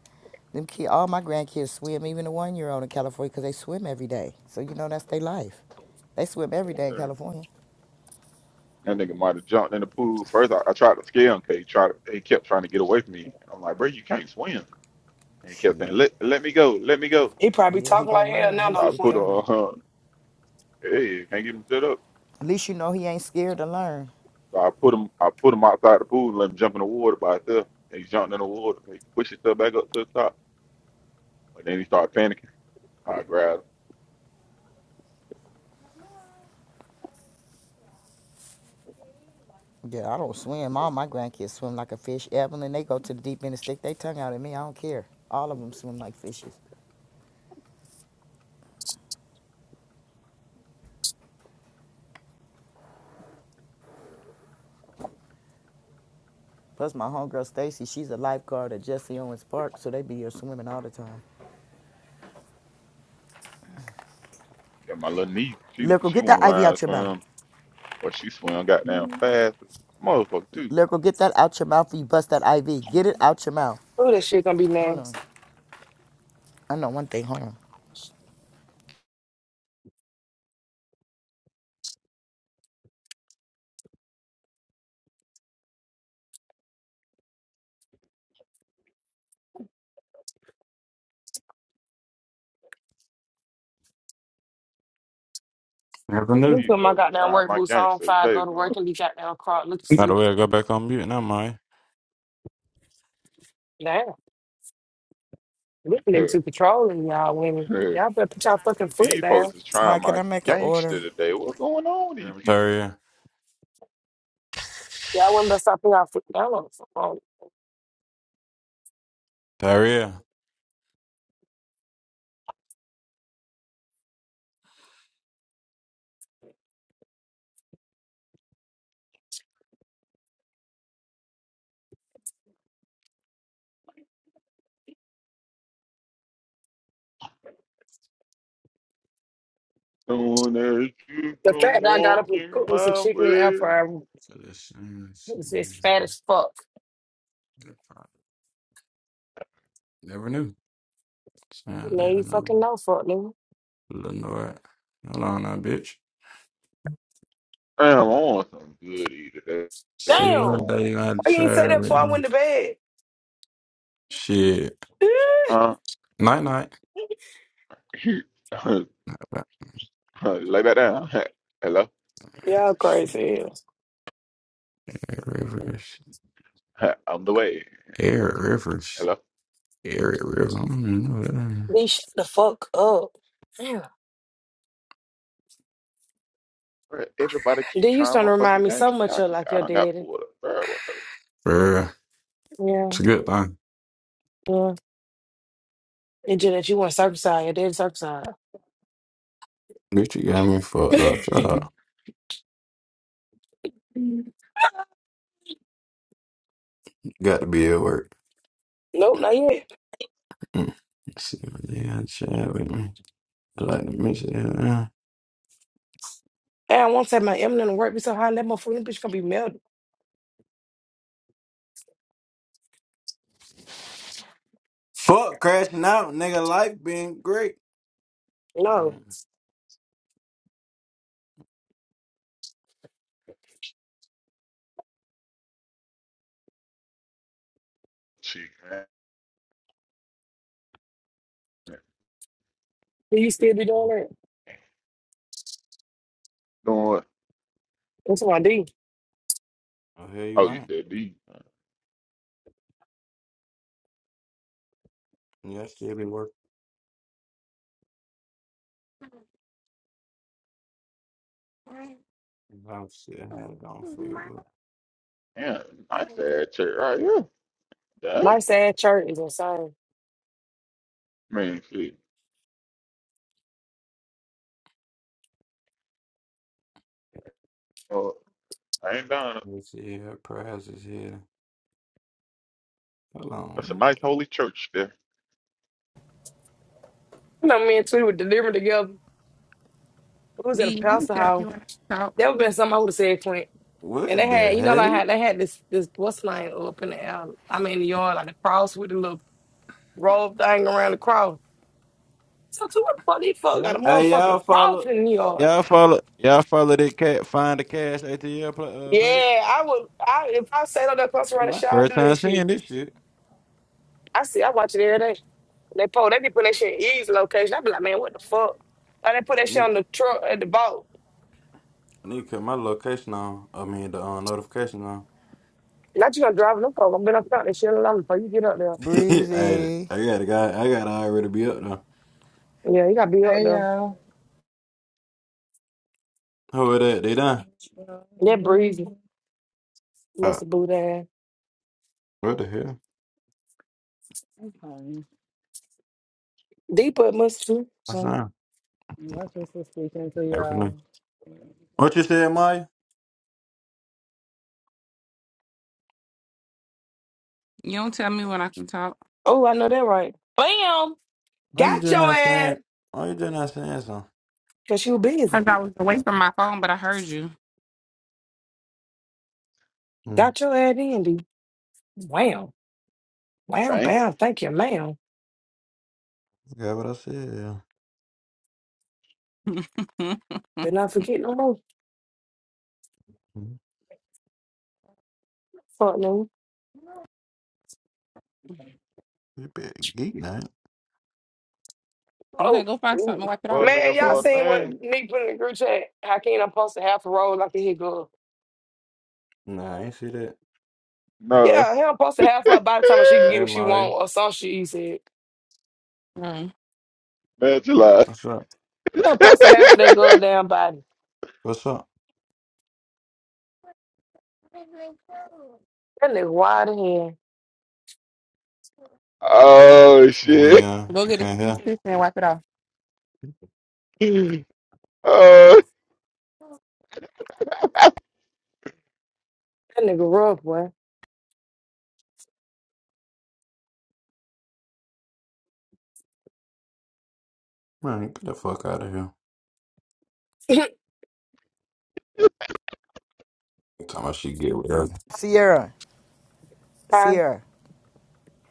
[SPEAKER 8] Them kid, all my grandkids swim, even the one year old in California, 'cause they swim every day. So you know that's their life. They swim every day in
[SPEAKER 1] Yeah.
[SPEAKER 8] California.
[SPEAKER 1] That nigga might have jumped in the pool. First, I, I tried to scare him. Cause he tried. to- He kept trying to get away from me. I'm like, bro, you can't swim. And he kept saying,
[SPEAKER 8] Shit.
[SPEAKER 1] let, let me go, let me go.
[SPEAKER 7] He probably
[SPEAKER 8] Yeah, he
[SPEAKER 7] talking
[SPEAKER 8] gonna
[SPEAKER 7] like hell
[SPEAKER 8] learn.
[SPEAKER 7] now
[SPEAKER 8] He's
[SPEAKER 1] So
[SPEAKER 7] on
[SPEAKER 1] I
[SPEAKER 7] the
[SPEAKER 1] put
[SPEAKER 7] point.
[SPEAKER 8] determined.
[SPEAKER 1] uh, hey, can't get him set up.
[SPEAKER 8] At least you know he ain't scared to learn.
[SPEAKER 1] So I put him, I put him outside the pool and let him jump in the water by himself. And he jumped in the water. He pushed himself back up to the top. But then he started panicking. I grabbed him.
[SPEAKER 8] Yeah, I don't swim. All my grandkids swim like a fish. Evelyn, they go to the deep end and stick their tongue out at me. I don't care. All of them swim like fishes. Plus, my homegirl Stacy, she's a lifeguard at Jesse Owens Park, so they be here swimming all the time.
[SPEAKER 1] Yeah, my little niece, she
[SPEAKER 8] Lyrical,
[SPEAKER 1] she
[SPEAKER 8] get that
[SPEAKER 1] won't
[SPEAKER 8] IV
[SPEAKER 1] learn how
[SPEAKER 8] out
[SPEAKER 1] to
[SPEAKER 8] your mouth.
[SPEAKER 1] swim, but she swam goddamn fast. Motherfucker too.
[SPEAKER 8] Lyrical, get that out your mouth. Or you bust that IV. Get it out your mouth.
[SPEAKER 7] Ooh, that shit gonna be
[SPEAKER 8] Hold on.
[SPEAKER 7] nasty.
[SPEAKER 8] I know one thing. Hold on.
[SPEAKER 13] Nothing
[SPEAKER 7] You
[SPEAKER 13] new.
[SPEAKER 1] These
[SPEAKER 7] put my
[SPEAKER 1] folks
[SPEAKER 7] goddamn
[SPEAKER 1] trying
[SPEAKER 7] work
[SPEAKER 1] my
[SPEAKER 7] boots on
[SPEAKER 1] gangster
[SPEAKER 7] fire,
[SPEAKER 1] today,
[SPEAKER 7] go to work and be goddamn caught looking
[SPEAKER 13] By the
[SPEAKER 7] stupid.
[SPEAKER 13] way, I go back on mute now, Mike.
[SPEAKER 7] Damn. Look niggas
[SPEAKER 1] man.
[SPEAKER 7] too controlling y'all women. Y'all better put y'all fucking foot
[SPEAKER 1] These
[SPEAKER 7] down.
[SPEAKER 1] folks is
[SPEAKER 8] Hi,
[SPEAKER 1] trying
[SPEAKER 8] can
[SPEAKER 1] my
[SPEAKER 8] I make an order?
[SPEAKER 1] gangster today. What's going on with these people?
[SPEAKER 13] Taria.
[SPEAKER 7] Y'all women better stop putting y'all foot down on the phone.
[SPEAKER 13] Taria.
[SPEAKER 1] Soon as you
[SPEAKER 7] The
[SPEAKER 1] come
[SPEAKER 7] fact that I got up and
[SPEAKER 1] walking
[SPEAKER 7] cooked me some
[SPEAKER 1] my
[SPEAKER 7] chicken in the air
[SPEAKER 1] way.
[SPEAKER 7] fryer
[SPEAKER 13] So this, mm,
[SPEAKER 7] is is
[SPEAKER 13] this-
[SPEAKER 7] fat as fuck.
[SPEAKER 13] Never knew. Sound
[SPEAKER 7] Now you
[SPEAKER 13] living
[SPEAKER 7] fucking know fuck nigga.
[SPEAKER 13] Lenore. Hold on now, bitch.
[SPEAKER 1] Damn, I want some goody today. I
[SPEAKER 13] See
[SPEAKER 7] Damn.
[SPEAKER 13] one
[SPEAKER 1] do
[SPEAKER 13] day you gotta
[SPEAKER 7] Why you ain't say
[SPEAKER 13] try
[SPEAKER 7] that
[SPEAKER 13] with
[SPEAKER 7] before I
[SPEAKER 13] me.
[SPEAKER 7] went to bed?
[SPEAKER 13] Shit.
[SPEAKER 1] want.
[SPEAKER 13] Night night.
[SPEAKER 1] Uh, lay back down. Hello.
[SPEAKER 7] y'all crazy.
[SPEAKER 13] Air Rivers.
[SPEAKER 1] I'm the way.
[SPEAKER 13] Air Rivers.
[SPEAKER 1] Hello.
[SPEAKER 13] Air Rivers. I don't even know that. name.
[SPEAKER 7] Be shut the fuck up. Damn.
[SPEAKER 1] Bruh, Everybody keep
[SPEAKER 7] Then you
[SPEAKER 1] trying
[SPEAKER 7] starting
[SPEAKER 1] my
[SPEAKER 7] to remind
[SPEAKER 1] fucking
[SPEAKER 7] me so
[SPEAKER 1] gangster.
[SPEAKER 7] much
[SPEAKER 1] Y'all
[SPEAKER 7] of
[SPEAKER 1] keep.
[SPEAKER 7] like
[SPEAKER 1] I
[SPEAKER 7] your
[SPEAKER 1] done got
[SPEAKER 7] daddy.
[SPEAKER 1] pulled up. Bro, what the
[SPEAKER 13] Bruh.
[SPEAKER 7] Yeah,
[SPEAKER 13] It's a good thing.
[SPEAKER 7] yeah. It's just that you want circumcised. Your daddy circumcised.
[SPEAKER 13] Bitch, you got me fucked up. Shut up.
[SPEAKER 7] nope,
[SPEAKER 13] Got to be at work.
[SPEAKER 7] not yet.
[SPEAKER 13] Mm. See what they got chat with me. I like to miss it. yeah.
[SPEAKER 7] And I won't say my eminent work be so high that motherfucking bitch gonna be melted.
[SPEAKER 13] Fuck crashing out, nigga. Life been great.
[SPEAKER 7] No.
[SPEAKER 13] Mm.
[SPEAKER 1] cheek, man.
[SPEAKER 7] Do you still be doing that?
[SPEAKER 1] Doing what?
[SPEAKER 7] That's what I do.
[SPEAKER 13] Oh, hell you
[SPEAKER 1] Oh, you
[SPEAKER 13] ain't.
[SPEAKER 1] said D.
[SPEAKER 13] Yeah, I still be working. I'm still had it on for you.
[SPEAKER 1] Damn, nice ass church right here. Dang.
[SPEAKER 7] My sad church is insane.
[SPEAKER 1] Man, shit. Oh, I ain't done.
[SPEAKER 13] Let's see her prize is here. Hold
[SPEAKER 1] That's a
[SPEAKER 13] on.
[SPEAKER 1] nice
[SPEAKER 13] What
[SPEAKER 1] holy church there.
[SPEAKER 7] You know, me and Tweety were delivering together. We was at a
[SPEAKER 15] D, you don't
[SPEAKER 7] pastor
[SPEAKER 15] tell me
[SPEAKER 7] house.
[SPEAKER 15] when I can talk.
[SPEAKER 7] That would have been something I would have said, Clint. And they
[SPEAKER 13] what
[SPEAKER 7] had,
[SPEAKER 13] the
[SPEAKER 7] you know, like
[SPEAKER 13] heck?
[SPEAKER 7] how they had this this what's line up in the air. I mean, the yard, like a cross with a little roll thing around the cross. So to what funny fuck got a
[SPEAKER 8] Girl.
[SPEAKER 13] Hey,
[SPEAKER 7] motherfucking
[SPEAKER 13] y'all follow.
[SPEAKER 7] cross in the yard.
[SPEAKER 13] Y'all follow. Y'all follow that cat. Find the cash ATL pla- uh,
[SPEAKER 7] Yeah,
[SPEAKER 13] page.
[SPEAKER 7] I would. I if I sat on that cross around the
[SPEAKER 13] My
[SPEAKER 7] shower, I
[SPEAKER 13] first
[SPEAKER 7] do
[SPEAKER 13] time
[SPEAKER 7] that shit.
[SPEAKER 13] seeing this shit.
[SPEAKER 7] I see. I watch it every day. They pull. They be putting that shit in easy location. I be like, man, what the fuck? Why they put that shit
[SPEAKER 13] Need,
[SPEAKER 7] on the truck at the boat?
[SPEAKER 13] need to cut my location on. I mean the uh, notification on.
[SPEAKER 7] Not you gonna drive them folk. I'm been up out that shit alone before you get up there.
[SPEAKER 13] hey,
[SPEAKER 8] Breezy.
[SPEAKER 13] I got a guy. I got to already be up though.
[SPEAKER 7] Yeah, you gotta be up
[SPEAKER 17] Hey
[SPEAKER 7] there.
[SPEAKER 17] y'all.
[SPEAKER 13] Who are that They done.
[SPEAKER 17] Well,
[SPEAKER 7] That
[SPEAKER 17] what
[SPEAKER 7] breezy
[SPEAKER 17] is-
[SPEAKER 13] Uh,
[SPEAKER 7] must have blew that
[SPEAKER 13] what the hell?
[SPEAKER 17] Okay.
[SPEAKER 7] deep up must too.
[SPEAKER 13] What's
[SPEAKER 7] So,
[SPEAKER 13] up?
[SPEAKER 17] Well, That's just speaking to
[SPEAKER 13] Everything.
[SPEAKER 17] y'all.
[SPEAKER 13] What you said, Maya?
[SPEAKER 15] You don't tell me when I can talk.
[SPEAKER 7] oh, I know that right. Bam,
[SPEAKER 13] Why you
[SPEAKER 7] got
[SPEAKER 13] just
[SPEAKER 7] your
[SPEAKER 13] not
[SPEAKER 7] ass
[SPEAKER 13] saying? Why you just not saying something?
[SPEAKER 7] because you busy.
[SPEAKER 15] Cause I was away from my phone, but I heard you.
[SPEAKER 13] Hmm.
[SPEAKER 7] Got your ass in, D. Wow. Bam,
[SPEAKER 1] Dang.
[SPEAKER 7] bam. Thank you, ma'am.
[SPEAKER 13] Yeah, what I said. Yeah.
[SPEAKER 15] okay,
[SPEAKER 7] Better not forget no more.
[SPEAKER 13] Hmm.
[SPEAKER 7] Fuck no.
[SPEAKER 13] You better geek that.
[SPEAKER 7] Oh,
[SPEAKER 15] go find something to
[SPEAKER 7] mm.
[SPEAKER 15] wipe it
[SPEAKER 1] For
[SPEAKER 15] off.
[SPEAKER 1] a
[SPEAKER 7] man,
[SPEAKER 1] nigga,
[SPEAKER 15] Put it
[SPEAKER 7] y'all
[SPEAKER 1] for
[SPEAKER 15] in.
[SPEAKER 1] a
[SPEAKER 7] seen what
[SPEAKER 1] name.
[SPEAKER 7] Nick put in the group chat? How can I post a half a roll like a hiccup?
[SPEAKER 13] Nah, I ain't see that.
[SPEAKER 1] No.
[SPEAKER 7] Yeah, him post a half of her by the time she can get
[SPEAKER 13] Hey,
[SPEAKER 7] what she
[SPEAKER 13] Molly.
[SPEAKER 7] want or some shit he said.
[SPEAKER 15] Mm.
[SPEAKER 1] Man, chill out.
[SPEAKER 13] What's up?
[SPEAKER 7] Him post a half of that girl damn body.
[SPEAKER 13] What's up?
[SPEAKER 7] That nigga wide in here.
[SPEAKER 1] oh
[SPEAKER 13] Hey,
[SPEAKER 1] shit.
[SPEAKER 13] uh,
[SPEAKER 15] Go
[SPEAKER 13] you
[SPEAKER 15] get a
[SPEAKER 13] can't
[SPEAKER 15] piece
[SPEAKER 13] hear?
[SPEAKER 15] of tissue and wipe it off.
[SPEAKER 1] Oh
[SPEAKER 7] That nigga rough, boy.
[SPEAKER 13] Man, get the fuck out of here. You talking about she get with her.
[SPEAKER 8] Sierra.
[SPEAKER 7] Huh?
[SPEAKER 8] Sierra.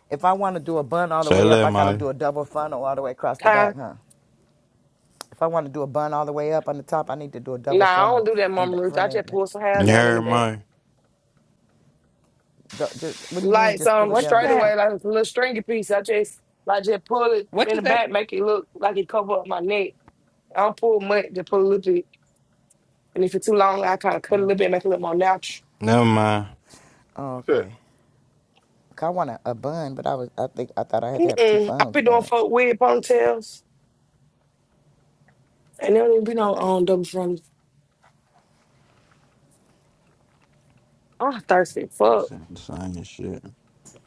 [SPEAKER 8] If I want to do a bun all the
[SPEAKER 13] Say
[SPEAKER 8] way up,
[SPEAKER 13] that,
[SPEAKER 8] I got to
[SPEAKER 13] Molly.
[SPEAKER 8] do a double funnel all the way across the
[SPEAKER 7] Huh?
[SPEAKER 8] back, huh? If I want to do a bun all the way up on the top, I need to do a
[SPEAKER 7] Nah,
[SPEAKER 8] double
[SPEAKER 7] I don't
[SPEAKER 8] funnel
[SPEAKER 7] do that,
[SPEAKER 8] and
[SPEAKER 7] Mama Ruth. I
[SPEAKER 8] front
[SPEAKER 7] just
[SPEAKER 8] and back.
[SPEAKER 7] pull some hair
[SPEAKER 13] You
[SPEAKER 7] down in the
[SPEAKER 13] heard
[SPEAKER 7] back.
[SPEAKER 13] me?
[SPEAKER 8] Just, what do you mean?
[SPEAKER 7] Like
[SPEAKER 8] Just pull
[SPEAKER 7] some
[SPEAKER 8] it
[SPEAKER 15] What you
[SPEAKER 8] down. and
[SPEAKER 7] straight
[SPEAKER 15] say?
[SPEAKER 7] away,
[SPEAKER 8] Explain.
[SPEAKER 7] like a little stringy piece. I just, I just pull it
[SPEAKER 15] What
[SPEAKER 7] in
[SPEAKER 15] you
[SPEAKER 7] the
[SPEAKER 15] say?
[SPEAKER 7] back, make it look like it cover up my neck. I don't pull much, just pull a little bit. And if it's too long, I kind of cut a little bit and make it a little more natural.
[SPEAKER 13] Never mind.
[SPEAKER 8] Oh,
[SPEAKER 1] shit.
[SPEAKER 8] okay. 'Cause I want a, a bun, but I was I think I thought I had to have two
[SPEAKER 7] Mm-mm. I've
[SPEAKER 8] funnels
[SPEAKER 7] been doing
[SPEAKER 8] for it.
[SPEAKER 7] folk weird ponytails, and there don't even be no um, double fronted. I'm thirsty.
[SPEAKER 13] You
[SPEAKER 7] Fuck.
[SPEAKER 13] saying the same shit.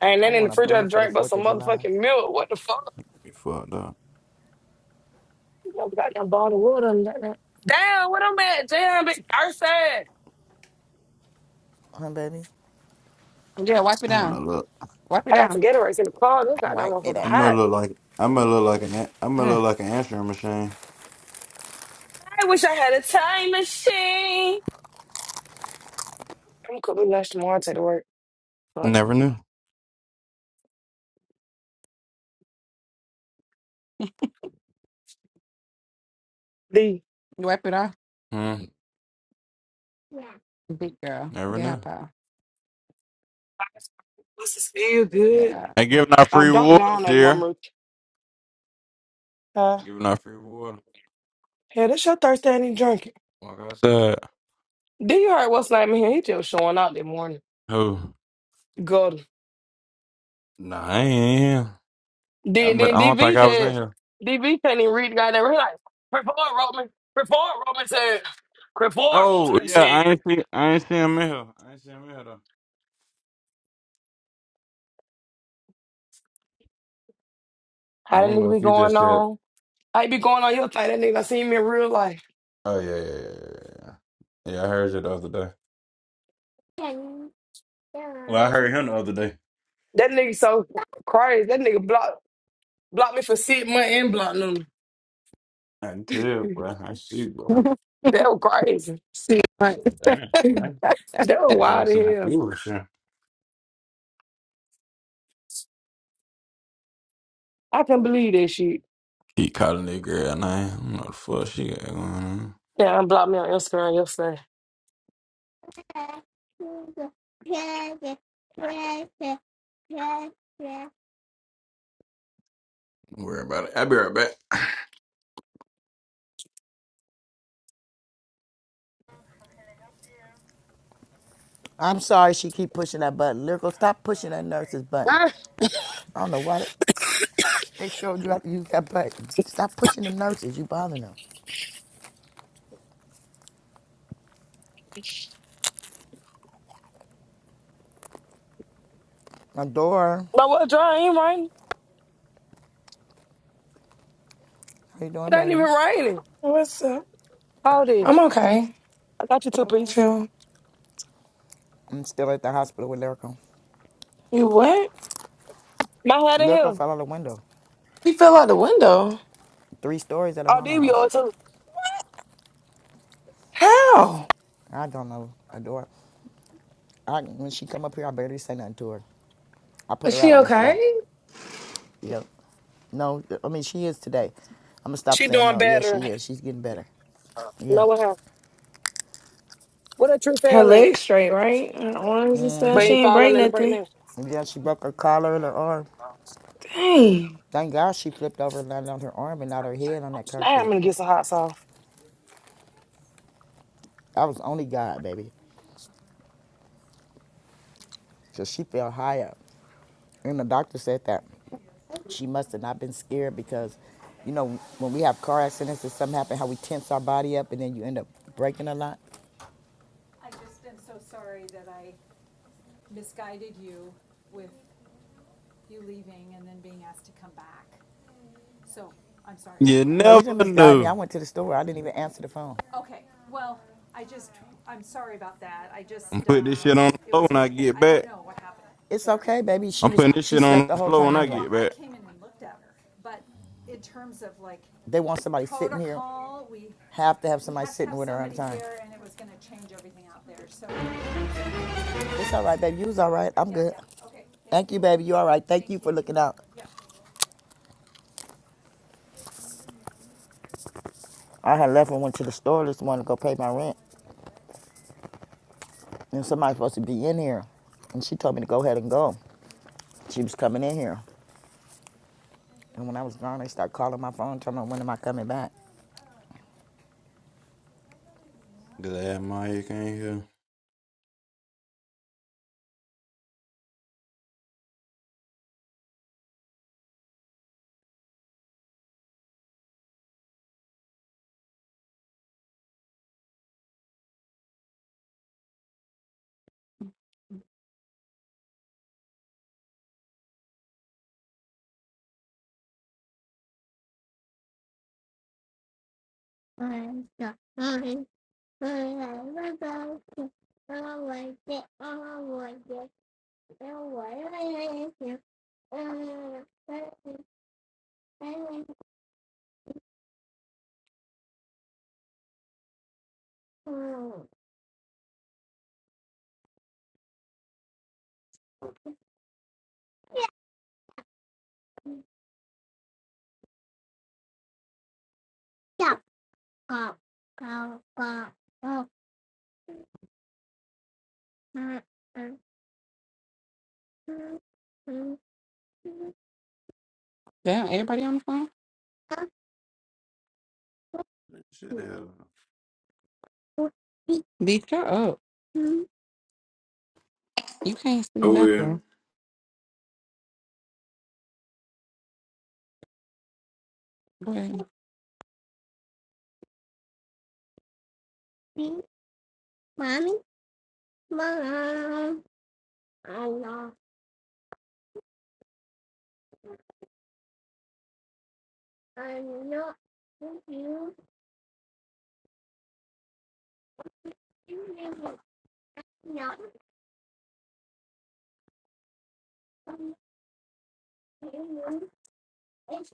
[SPEAKER 7] And
[SPEAKER 8] I
[SPEAKER 7] then in the
[SPEAKER 8] want a
[SPEAKER 7] refrigerator,
[SPEAKER 8] bun for the
[SPEAKER 7] drink but
[SPEAKER 8] Fourth
[SPEAKER 7] some
[SPEAKER 8] of July.
[SPEAKER 7] motherfucking milk. What the fuck?
[SPEAKER 13] You fucked up.
[SPEAKER 7] You know, goddamn bottle of water and that. Damn, what I'm at? Damn, big thirsty.
[SPEAKER 8] Huh, baby?
[SPEAKER 15] Yeah, wipe it
[SPEAKER 13] And I
[SPEAKER 15] down.
[SPEAKER 13] look.
[SPEAKER 15] Wipe it
[SPEAKER 7] I got
[SPEAKER 15] down.
[SPEAKER 7] some Gatorades in the car. This goddamn
[SPEAKER 8] Wipe me
[SPEAKER 7] motherfucker
[SPEAKER 13] I'm
[SPEAKER 8] down.
[SPEAKER 7] hot.
[SPEAKER 13] gonna look like I'm gonna look like an I'm gonna look like an answering machine.
[SPEAKER 7] I wish I had a time machine. I'm cooking lunch tomorrow. Take to work. Fuck.
[SPEAKER 13] Never knew.
[SPEAKER 7] D.
[SPEAKER 15] You wipe it off.
[SPEAKER 13] Hmm.
[SPEAKER 15] Yeah. Big girl.
[SPEAKER 13] never
[SPEAKER 15] Get her
[SPEAKER 13] knew.
[SPEAKER 15] power.
[SPEAKER 7] This is feel good.
[SPEAKER 15] Yeah.
[SPEAKER 13] Hey, giving out
[SPEAKER 7] Uh,
[SPEAKER 13] free
[SPEAKER 7] Dr.
[SPEAKER 13] water,
[SPEAKER 7] Gone and my
[SPEAKER 13] dear.
[SPEAKER 7] room. Uh,
[SPEAKER 13] Giving out free water.
[SPEAKER 7] yeah, that's your Thursday I ain't drinking.
[SPEAKER 13] Walk outside.
[SPEAKER 7] Then you heard what's name in here? He just showing out that morning.
[SPEAKER 13] Who?
[SPEAKER 7] Good.
[SPEAKER 13] Nah, I ain't.
[SPEAKER 7] Then
[SPEAKER 13] I'm, I
[SPEAKER 7] then
[SPEAKER 13] don't think
[SPEAKER 7] DV
[SPEAKER 13] I was in
[SPEAKER 7] just
[SPEAKER 13] here.
[SPEAKER 7] DV can't even read the guy there. He like, report Roman. Report Roman said. Report
[SPEAKER 13] Oh
[SPEAKER 7] Roman
[SPEAKER 13] yeah, I
[SPEAKER 7] said.
[SPEAKER 13] ain't see I ain't see him in here. I ain't see him in here though. I
[SPEAKER 7] How that
[SPEAKER 13] don't know
[SPEAKER 7] nigga be
[SPEAKER 13] if you
[SPEAKER 7] going
[SPEAKER 13] just said.
[SPEAKER 7] on? I be going on your thing. That nigga I seen me in real life.
[SPEAKER 13] Oh yeah, yeah, yeah, yeah. Yeah, Yeah, I heard you the other day. Well, I heard him the other day.
[SPEAKER 7] That nigga so crazy. That nigga blocked blocked me for six months and blocked them.
[SPEAKER 13] I did, bro. I see, bro. I
[SPEAKER 7] That was crazy.
[SPEAKER 15] See. you,
[SPEAKER 13] said, damn, bro.
[SPEAKER 7] That was
[SPEAKER 13] Nigga,
[SPEAKER 7] wild
[SPEAKER 13] that's
[SPEAKER 7] as
[SPEAKER 13] not
[SPEAKER 7] hell.
[SPEAKER 13] you, for sure.
[SPEAKER 7] I can't believe that shit.
[SPEAKER 13] He calling that girl name. I don't know the fuck she got going on.
[SPEAKER 7] Yeah, unblocked me on Instagram yesterday.
[SPEAKER 13] Don't worry about it. I'll be right back.
[SPEAKER 8] I'm sorry she keep pushing that button. Lyrical, stop pushing that nurse's button. I don't know why they, they showed you how to use that button. Stop pushing them nurses. You bothering them. Adora,
[SPEAKER 7] My well dry ain't raining.
[SPEAKER 8] how you doing,
[SPEAKER 7] It ain't even
[SPEAKER 8] baby?
[SPEAKER 7] raining.
[SPEAKER 18] What's up?
[SPEAKER 7] Hold
[SPEAKER 18] I'm
[SPEAKER 7] this.
[SPEAKER 18] okay.
[SPEAKER 7] I got you two
[SPEAKER 18] What about
[SPEAKER 7] piece.
[SPEAKER 18] you?
[SPEAKER 8] I'm still at the hospital with Lyrical.
[SPEAKER 18] You what?
[SPEAKER 7] My hat in
[SPEAKER 8] Lyrical
[SPEAKER 7] here.
[SPEAKER 8] fell out the window.
[SPEAKER 18] She fell out the window.
[SPEAKER 8] three stories at her
[SPEAKER 7] Oh,
[SPEAKER 8] mama
[SPEAKER 7] these
[SPEAKER 8] house.
[SPEAKER 7] yours too.
[SPEAKER 18] How?
[SPEAKER 8] I don't know a door. I, when she come up here, I barely say nothing to her. I put
[SPEAKER 18] Is
[SPEAKER 8] her
[SPEAKER 18] she
[SPEAKER 8] out yesterday.
[SPEAKER 18] okay?
[SPEAKER 8] Yeah. no, I mean she is today. I'm gonna stop
[SPEAKER 7] She
[SPEAKER 8] saying
[SPEAKER 7] doing
[SPEAKER 8] no. Yeah,
[SPEAKER 7] better.
[SPEAKER 8] she is. She's getting better. Yeah.
[SPEAKER 7] No what happened. What that tree
[SPEAKER 18] Her
[SPEAKER 7] fell at?
[SPEAKER 18] legs straight, right? Her arms and
[SPEAKER 7] But
[SPEAKER 18] stuff. She
[SPEAKER 8] Mm-hmm.
[SPEAKER 7] ain't
[SPEAKER 18] ain't break
[SPEAKER 7] falling in the break
[SPEAKER 18] nothing.
[SPEAKER 7] now.
[SPEAKER 8] Yeah, she broke her collar and her arm.
[SPEAKER 18] Dang.
[SPEAKER 8] Thank God she flipped over and landed on her arm and not her head on that
[SPEAKER 7] Now I'm
[SPEAKER 8] concrete.
[SPEAKER 7] gonna get some hot sauce.
[SPEAKER 8] That was only God, baby. So she fell high up. And the doctor said that she must have not been scared because, you know, when we have car accidents or something happen, how we tense our body up and then you end up breaking a lot.
[SPEAKER 13] You
[SPEAKER 8] No, you didn't
[SPEAKER 13] never
[SPEAKER 8] misguide me. I
[SPEAKER 13] knew.
[SPEAKER 8] went to the store. I didn't even answer the phone.
[SPEAKER 13] I'm putting this shit on the floor when I get back.
[SPEAKER 8] It's okay, baby. She
[SPEAKER 13] I'm
[SPEAKER 8] was
[SPEAKER 13] putting this
[SPEAKER 8] she
[SPEAKER 13] shit
[SPEAKER 8] slept
[SPEAKER 13] on
[SPEAKER 8] the
[SPEAKER 13] the
[SPEAKER 8] whole
[SPEAKER 13] floor
[SPEAKER 8] time
[SPEAKER 13] when I
[SPEAKER 8] anyway.
[SPEAKER 13] get back.
[SPEAKER 8] They want somebody protocol, sitting here. Have to have somebody sitting with her on time. apologize. It's all right, baby. You was all right. I'm good. Thank you. baby. You all right? Thank Thank you. for looking out. I had left and went to the store this morning to go pay my rent, and somebody's supposed to be in here, and she told me to go ahead and go. She was coming in here. And when I was gone, they started calling my phone, telling me when am I coming back.
[SPEAKER 13] Glad Mike ain't here.
[SPEAKER 15] Damn, everybody on the phone?
[SPEAKER 13] Shit, hell.
[SPEAKER 15] D, shut up. You can't see
[SPEAKER 13] Oh, yeah,
[SPEAKER 15] nothing. Go ahead. Mommy, mom, I know, I know, you, you know, it's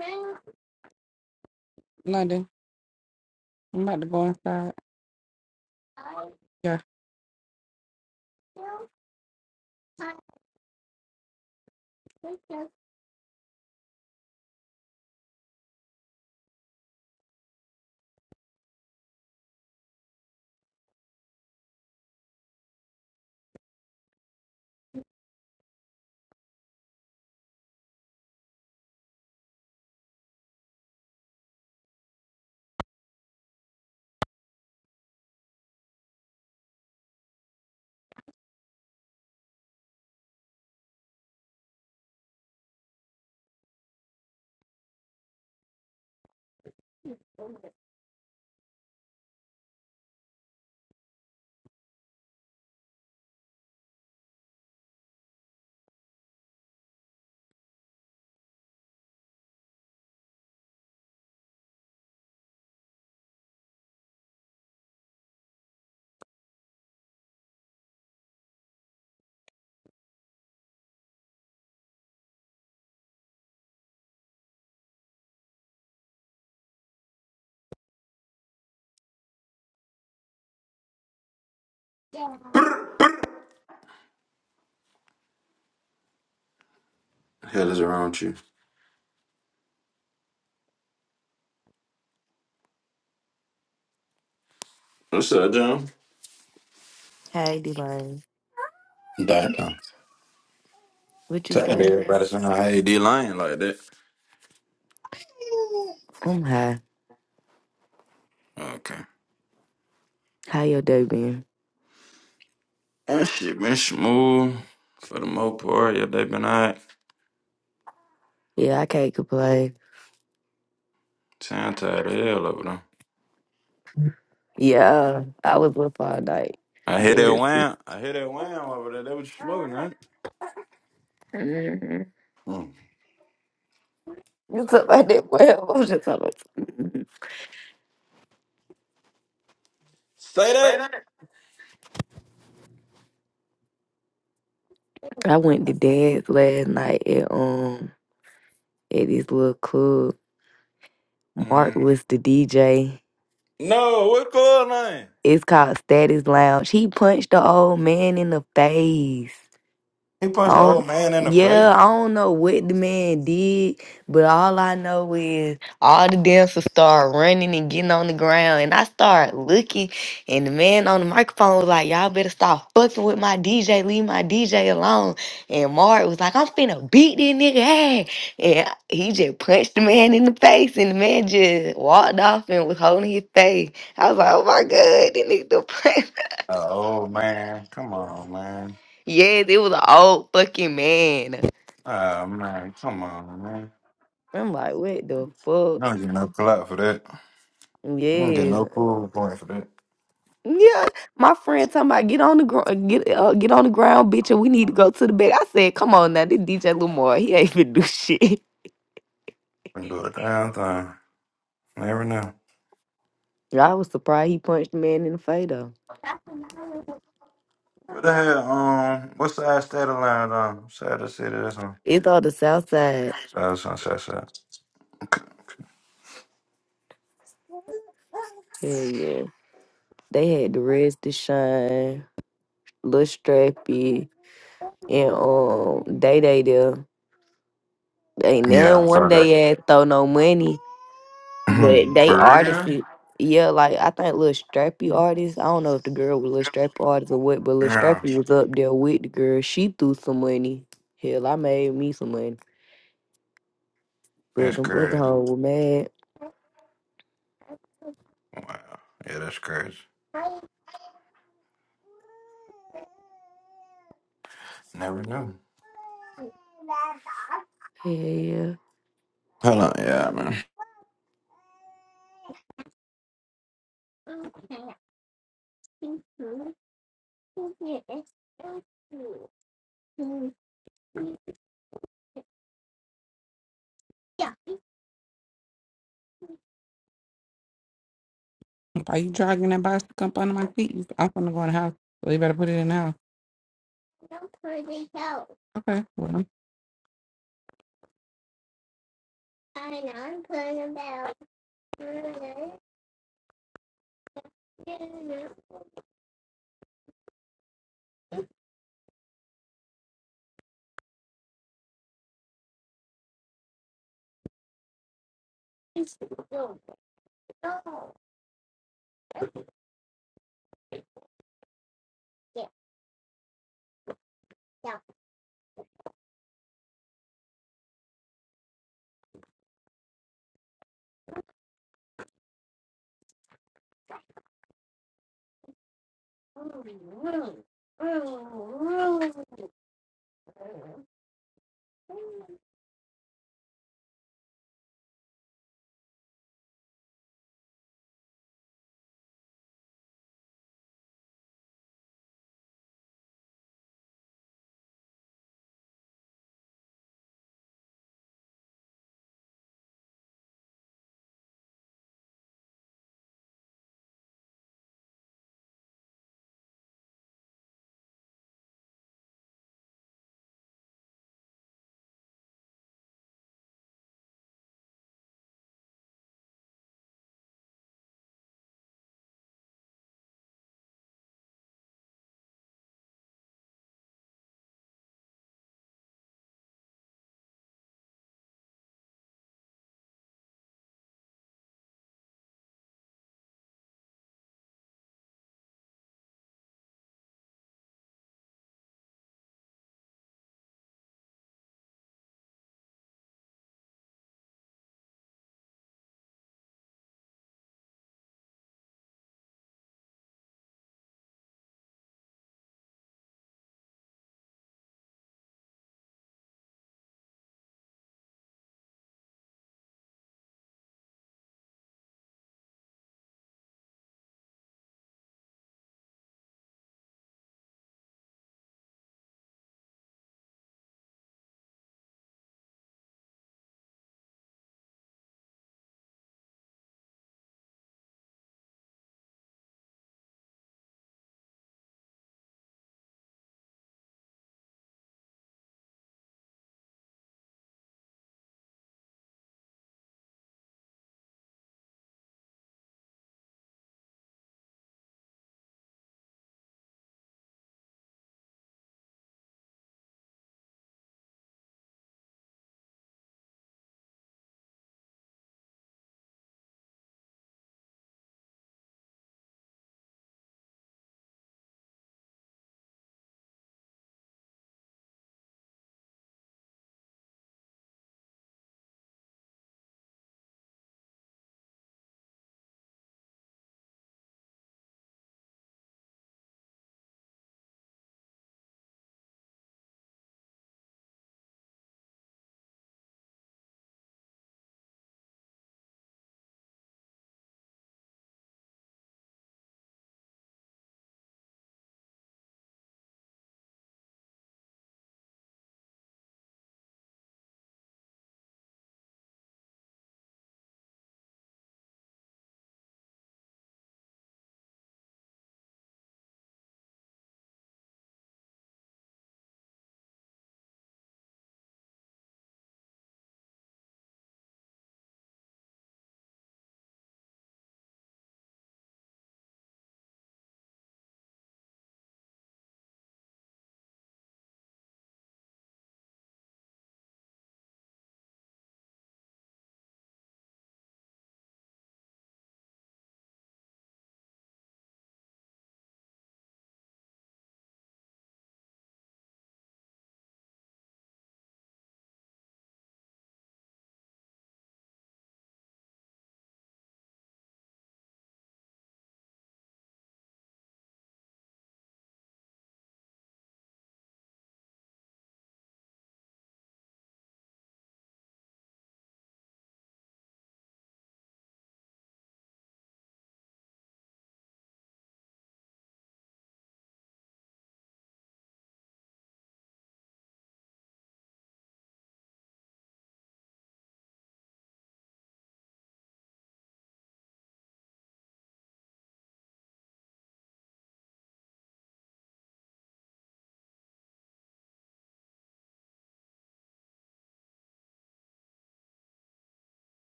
[SPEAKER 15] still, London, I'm about to go inside. Yeah. still
[SPEAKER 13] Hell is around you? What's up, John?
[SPEAKER 19] Hey, D-Lane.
[SPEAKER 13] Damn.
[SPEAKER 19] What you
[SPEAKER 13] Tell
[SPEAKER 19] say?
[SPEAKER 13] everybody sound hey D Lane like that.
[SPEAKER 19] I'm high.
[SPEAKER 13] Okay.
[SPEAKER 19] How your day been?
[SPEAKER 13] That shit been smooth for the most part. Yeah, they been alright.
[SPEAKER 19] Yeah, I can't complain.
[SPEAKER 13] Sound tired of hell over there.
[SPEAKER 19] Yeah, I was up all night.
[SPEAKER 13] I hear that
[SPEAKER 19] There's...
[SPEAKER 13] wham. I hear that wham over there. That was smoking, right?
[SPEAKER 19] Mhm.
[SPEAKER 13] Mm.
[SPEAKER 19] You
[SPEAKER 13] Say
[SPEAKER 19] talking
[SPEAKER 13] that.
[SPEAKER 19] about that well, I was just talking about Mhm.
[SPEAKER 13] Say that.
[SPEAKER 19] Say that. I went to dance last night at um at this little club.
[SPEAKER 13] hmm
[SPEAKER 19] Mark was the DJ.
[SPEAKER 13] No, what's going on?
[SPEAKER 19] It's called Status Lounge. He punched the old man in the face.
[SPEAKER 13] He punched
[SPEAKER 19] I
[SPEAKER 13] the old
[SPEAKER 19] don't,
[SPEAKER 13] man in the face.
[SPEAKER 19] yeah, I don't know what the man did, but all I know is all the dancers start running and getting on the ground, and I start looking, and the man on the microphone was like, "Y'all better stop fucking with my DJ. Leave my DJ alone." And Mark was like, "I'm finna beat this nigga ass," and he just punched the man in the face, and the man just walked off and was holding his face. I was like, "Oh my god, this nigga!" done punched-"
[SPEAKER 13] Oh man, come on, man.
[SPEAKER 19] yes, it was an old fucking man.
[SPEAKER 13] Oh man, come on, man.
[SPEAKER 19] I'm like, what the fuck?
[SPEAKER 13] I don't get no clout for that. I don't get
[SPEAKER 19] Yes.
[SPEAKER 13] no cool point for that.
[SPEAKER 19] Yeah. My friend talking about get on the ground get uh, get on the ground, bitch, and we need to go to the back. I said, come on now, this DJ Lamar, he ain't even do shit.
[SPEAKER 13] Been do a damn thing. Never know.
[SPEAKER 19] I was surprised he punched the man in the face though.
[SPEAKER 13] What the hell? Um, what side state of line? Um, side of the city or something?
[SPEAKER 19] It's on the south side.
[SPEAKER 13] Side of sunset side.
[SPEAKER 19] Hell yeah. They had the Reds to shine, Lil Strappy, and um Day Day there. Ain't
[SPEAKER 13] Yeah, I
[SPEAKER 19] none one
[SPEAKER 13] saw that.
[SPEAKER 19] day ass throw no money. But
[SPEAKER 13] Mhm.
[SPEAKER 19] they
[SPEAKER 13] for
[SPEAKER 19] artists,
[SPEAKER 13] real?
[SPEAKER 19] yeah, like I think Lil Strappy artist. I don't know if the girl was Lil Strappy artist or what, but Lil
[SPEAKER 13] Yeah,
[SPEAKER 19] Strappy was up there with the girl. She threw some money. Hell, I made me some money, but
[SPEAKER 13] that's
[SPEAKER 19] them other
[SPEAKER 13] crazy.
[SPEAKER 19] hoes were mad.
[SPEAKER 13] Wow. Yeah, that's crazy. Never knew.
[SPEAKER 19] Yeah,
[SPEAKER 13] Hold on, yeah, man.
[SPEAKER 15] okay, Yeah, Why you dragging that bicycle up under my feet? You- I'm gonna go in the house. So you better put it in the house. no pretty help. Okay. Well, And I'm putting about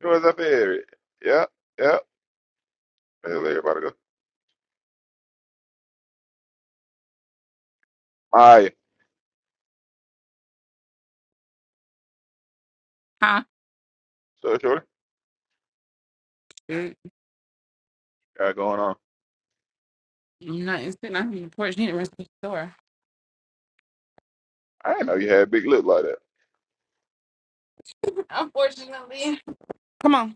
[SPEAKER 1] Who was up there? Yeah, yeah. Where's everybody go? Maya.
[SPEAKER 15] Huh?
[SPEAKER 1] So shorty.
[SPEAKER 15] Mm,
[SPEAKER 1] Got going on.
[SPEAKER 15] I'm not it's sitting out here on the porch. You need to run the store.
[SPEAKER 1] I didn't know you had big lips like that.
[SPEAKER 15] Unfortunately. Come on.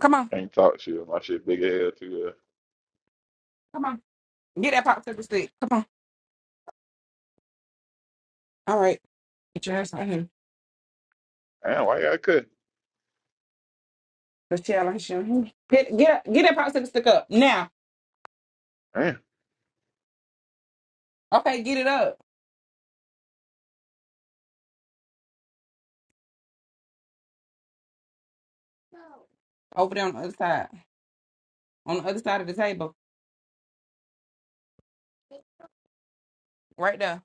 [SPEAKER 15] Come on.
[SPEAKER 1] Can't talk shit. My shit big as hell too. Uh,
[SPEAKER 15] Come on. Get that popsicle stick. Come on. All right. Get your ass on him.
[SPEAKER 1] damn, why you gotta cook?
[SPEAKER 15] The shell on him. Get, get that popsicle stick up. Now.
[SPEAKER 1] Damn,
[SPEAKER 15] Okay, get it up. Over there on the other side. On the other side of the table. Right there.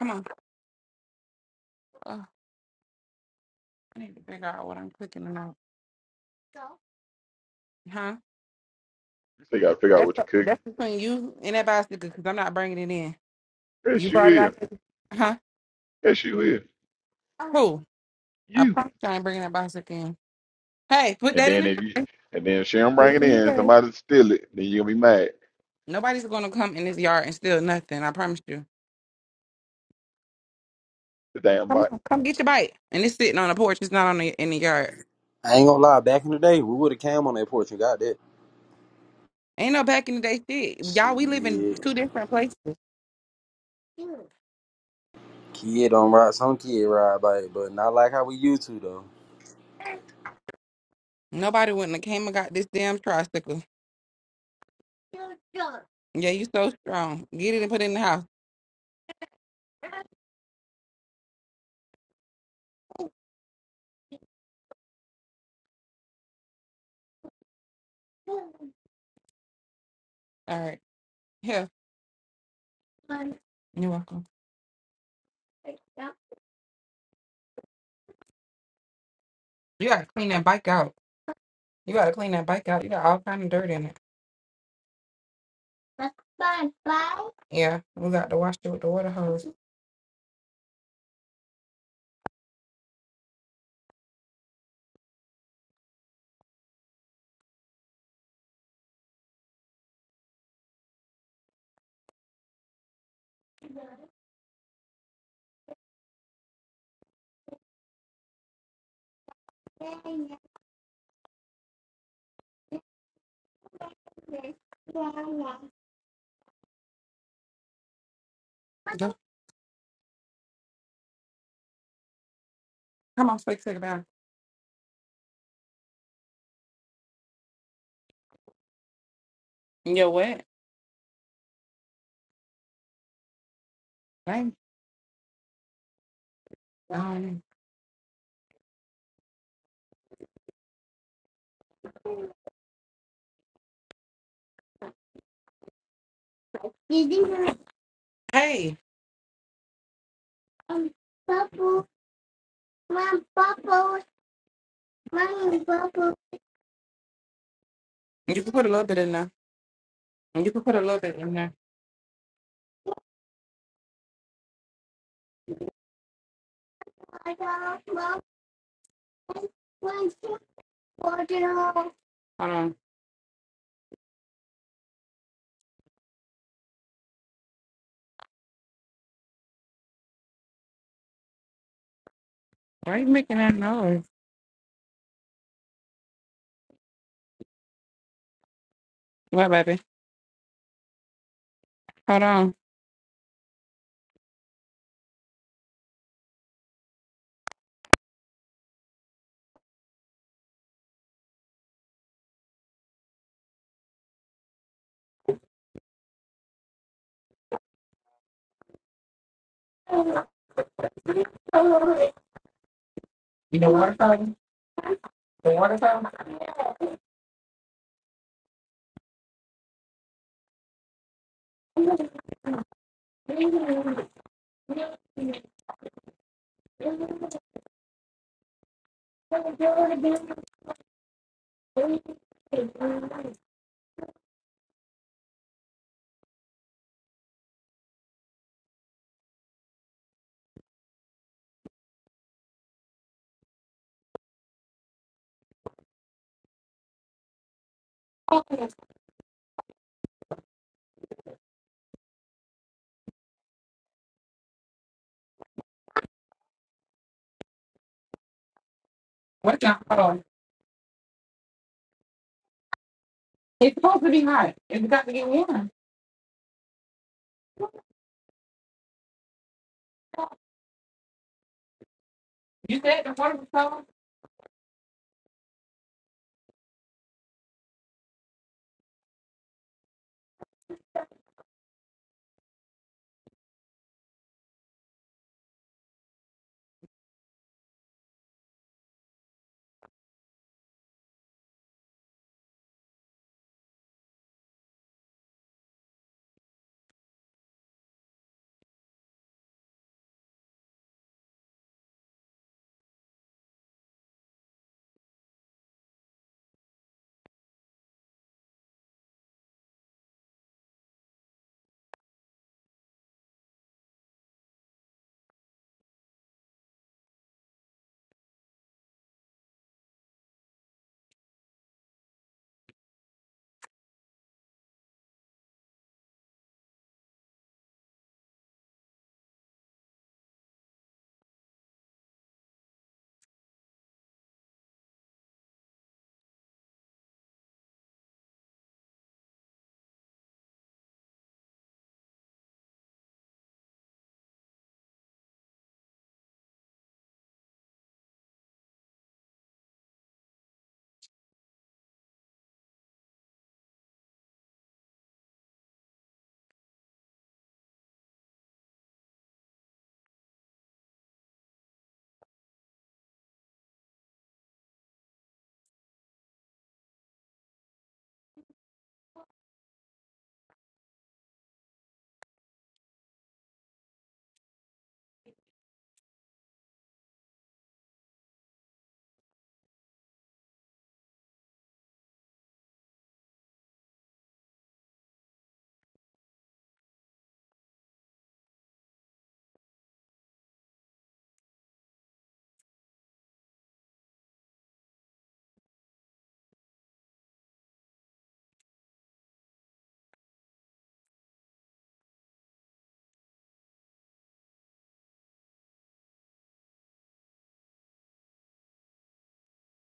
[SPEAKER 15] Come on. Uh. I need to figure out what I'm cooking or not. Huh?
[SPEAKER 1] you still gotta figure out
[SPEAKER 15] That's
[SPEAKER 1] what you're cooking.
[SPEAKER 15] that's between you and that bicycle because I'm not bringing it in. You
[SPEAKER 1] Yes, you
[SPEAKER 15] brought it
[SPEAKER 1] will.
[SPEAKER 15] out. here- Huh?
[SPEAKER 1] Yes, you will.
[SPEAKER 15] Who? I
[SPEAKER 1] You.
[SPEAKER 15] promise you I ain't bringing that bicycle in. Hey, put
[SPEAKER 1] And
[SPEAKER 15] that in
[SPEAKER 1] then
[SPEAKER 15] the
[SPEAKER 1] if you, and then if she don't
[SPEAKER 15] put
[SPEAKER 1] bring
[SPEAKER 15] it
[SPEAKER 1] it
[SPEAKER 15] in the
[SPEAKER 1] in,
[SPEAKER 15] trash.
[SPEAKER 1] somebody steal it. Then you will be mad.
[SPEAKER 15] Nobody's gonna come in this yard and steal nothing. I promise you.
[SPEAKER 1] The damn
[SPEAKER 15] Come
[SPEAKER 1] bite.
[SPEAKER 15] on, come get your bike. And it's sitting on the porch. It's not on the in the yard.
[SPEAKER 20] I ain't gonna lie, back in the day, we would have came on that porch and got that.
[SPEAKER 15] Ain't no back in the day shit. Y'all, we live in
[SPEAKER 20] Shit,
[SPEAKER 15] two different places.
[SPEAKER 20] kid don't ride, some kid ride bike, but not like how we used to though.
[SPEAKER 15] Nobody wouldn't have came and got this damn tricycle. Yeah, you so strong. Get it and put it in the house. All right. Here. You're welcome. You gotta clean that bike out. You gotta clean that bike out. You got all kind of dirt in it. Yeah, we got to wash it with the water hose. Go. Come on, quick, take a bath. You're wet. Thank um, Hey. You can put a little bit in there. You can put a little bit in there. Hold on. Why are you making that noise? What, baby? Hold on. You know water fountain? The water fountain? What now? Hold on. It's supposed to be hot. It's got to get warm. You said the water was cold?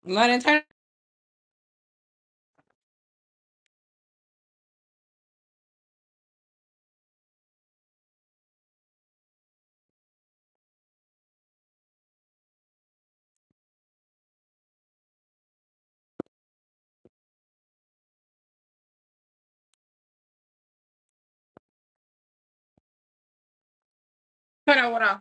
[SPEAKER 15] Let it turn. Turn on water.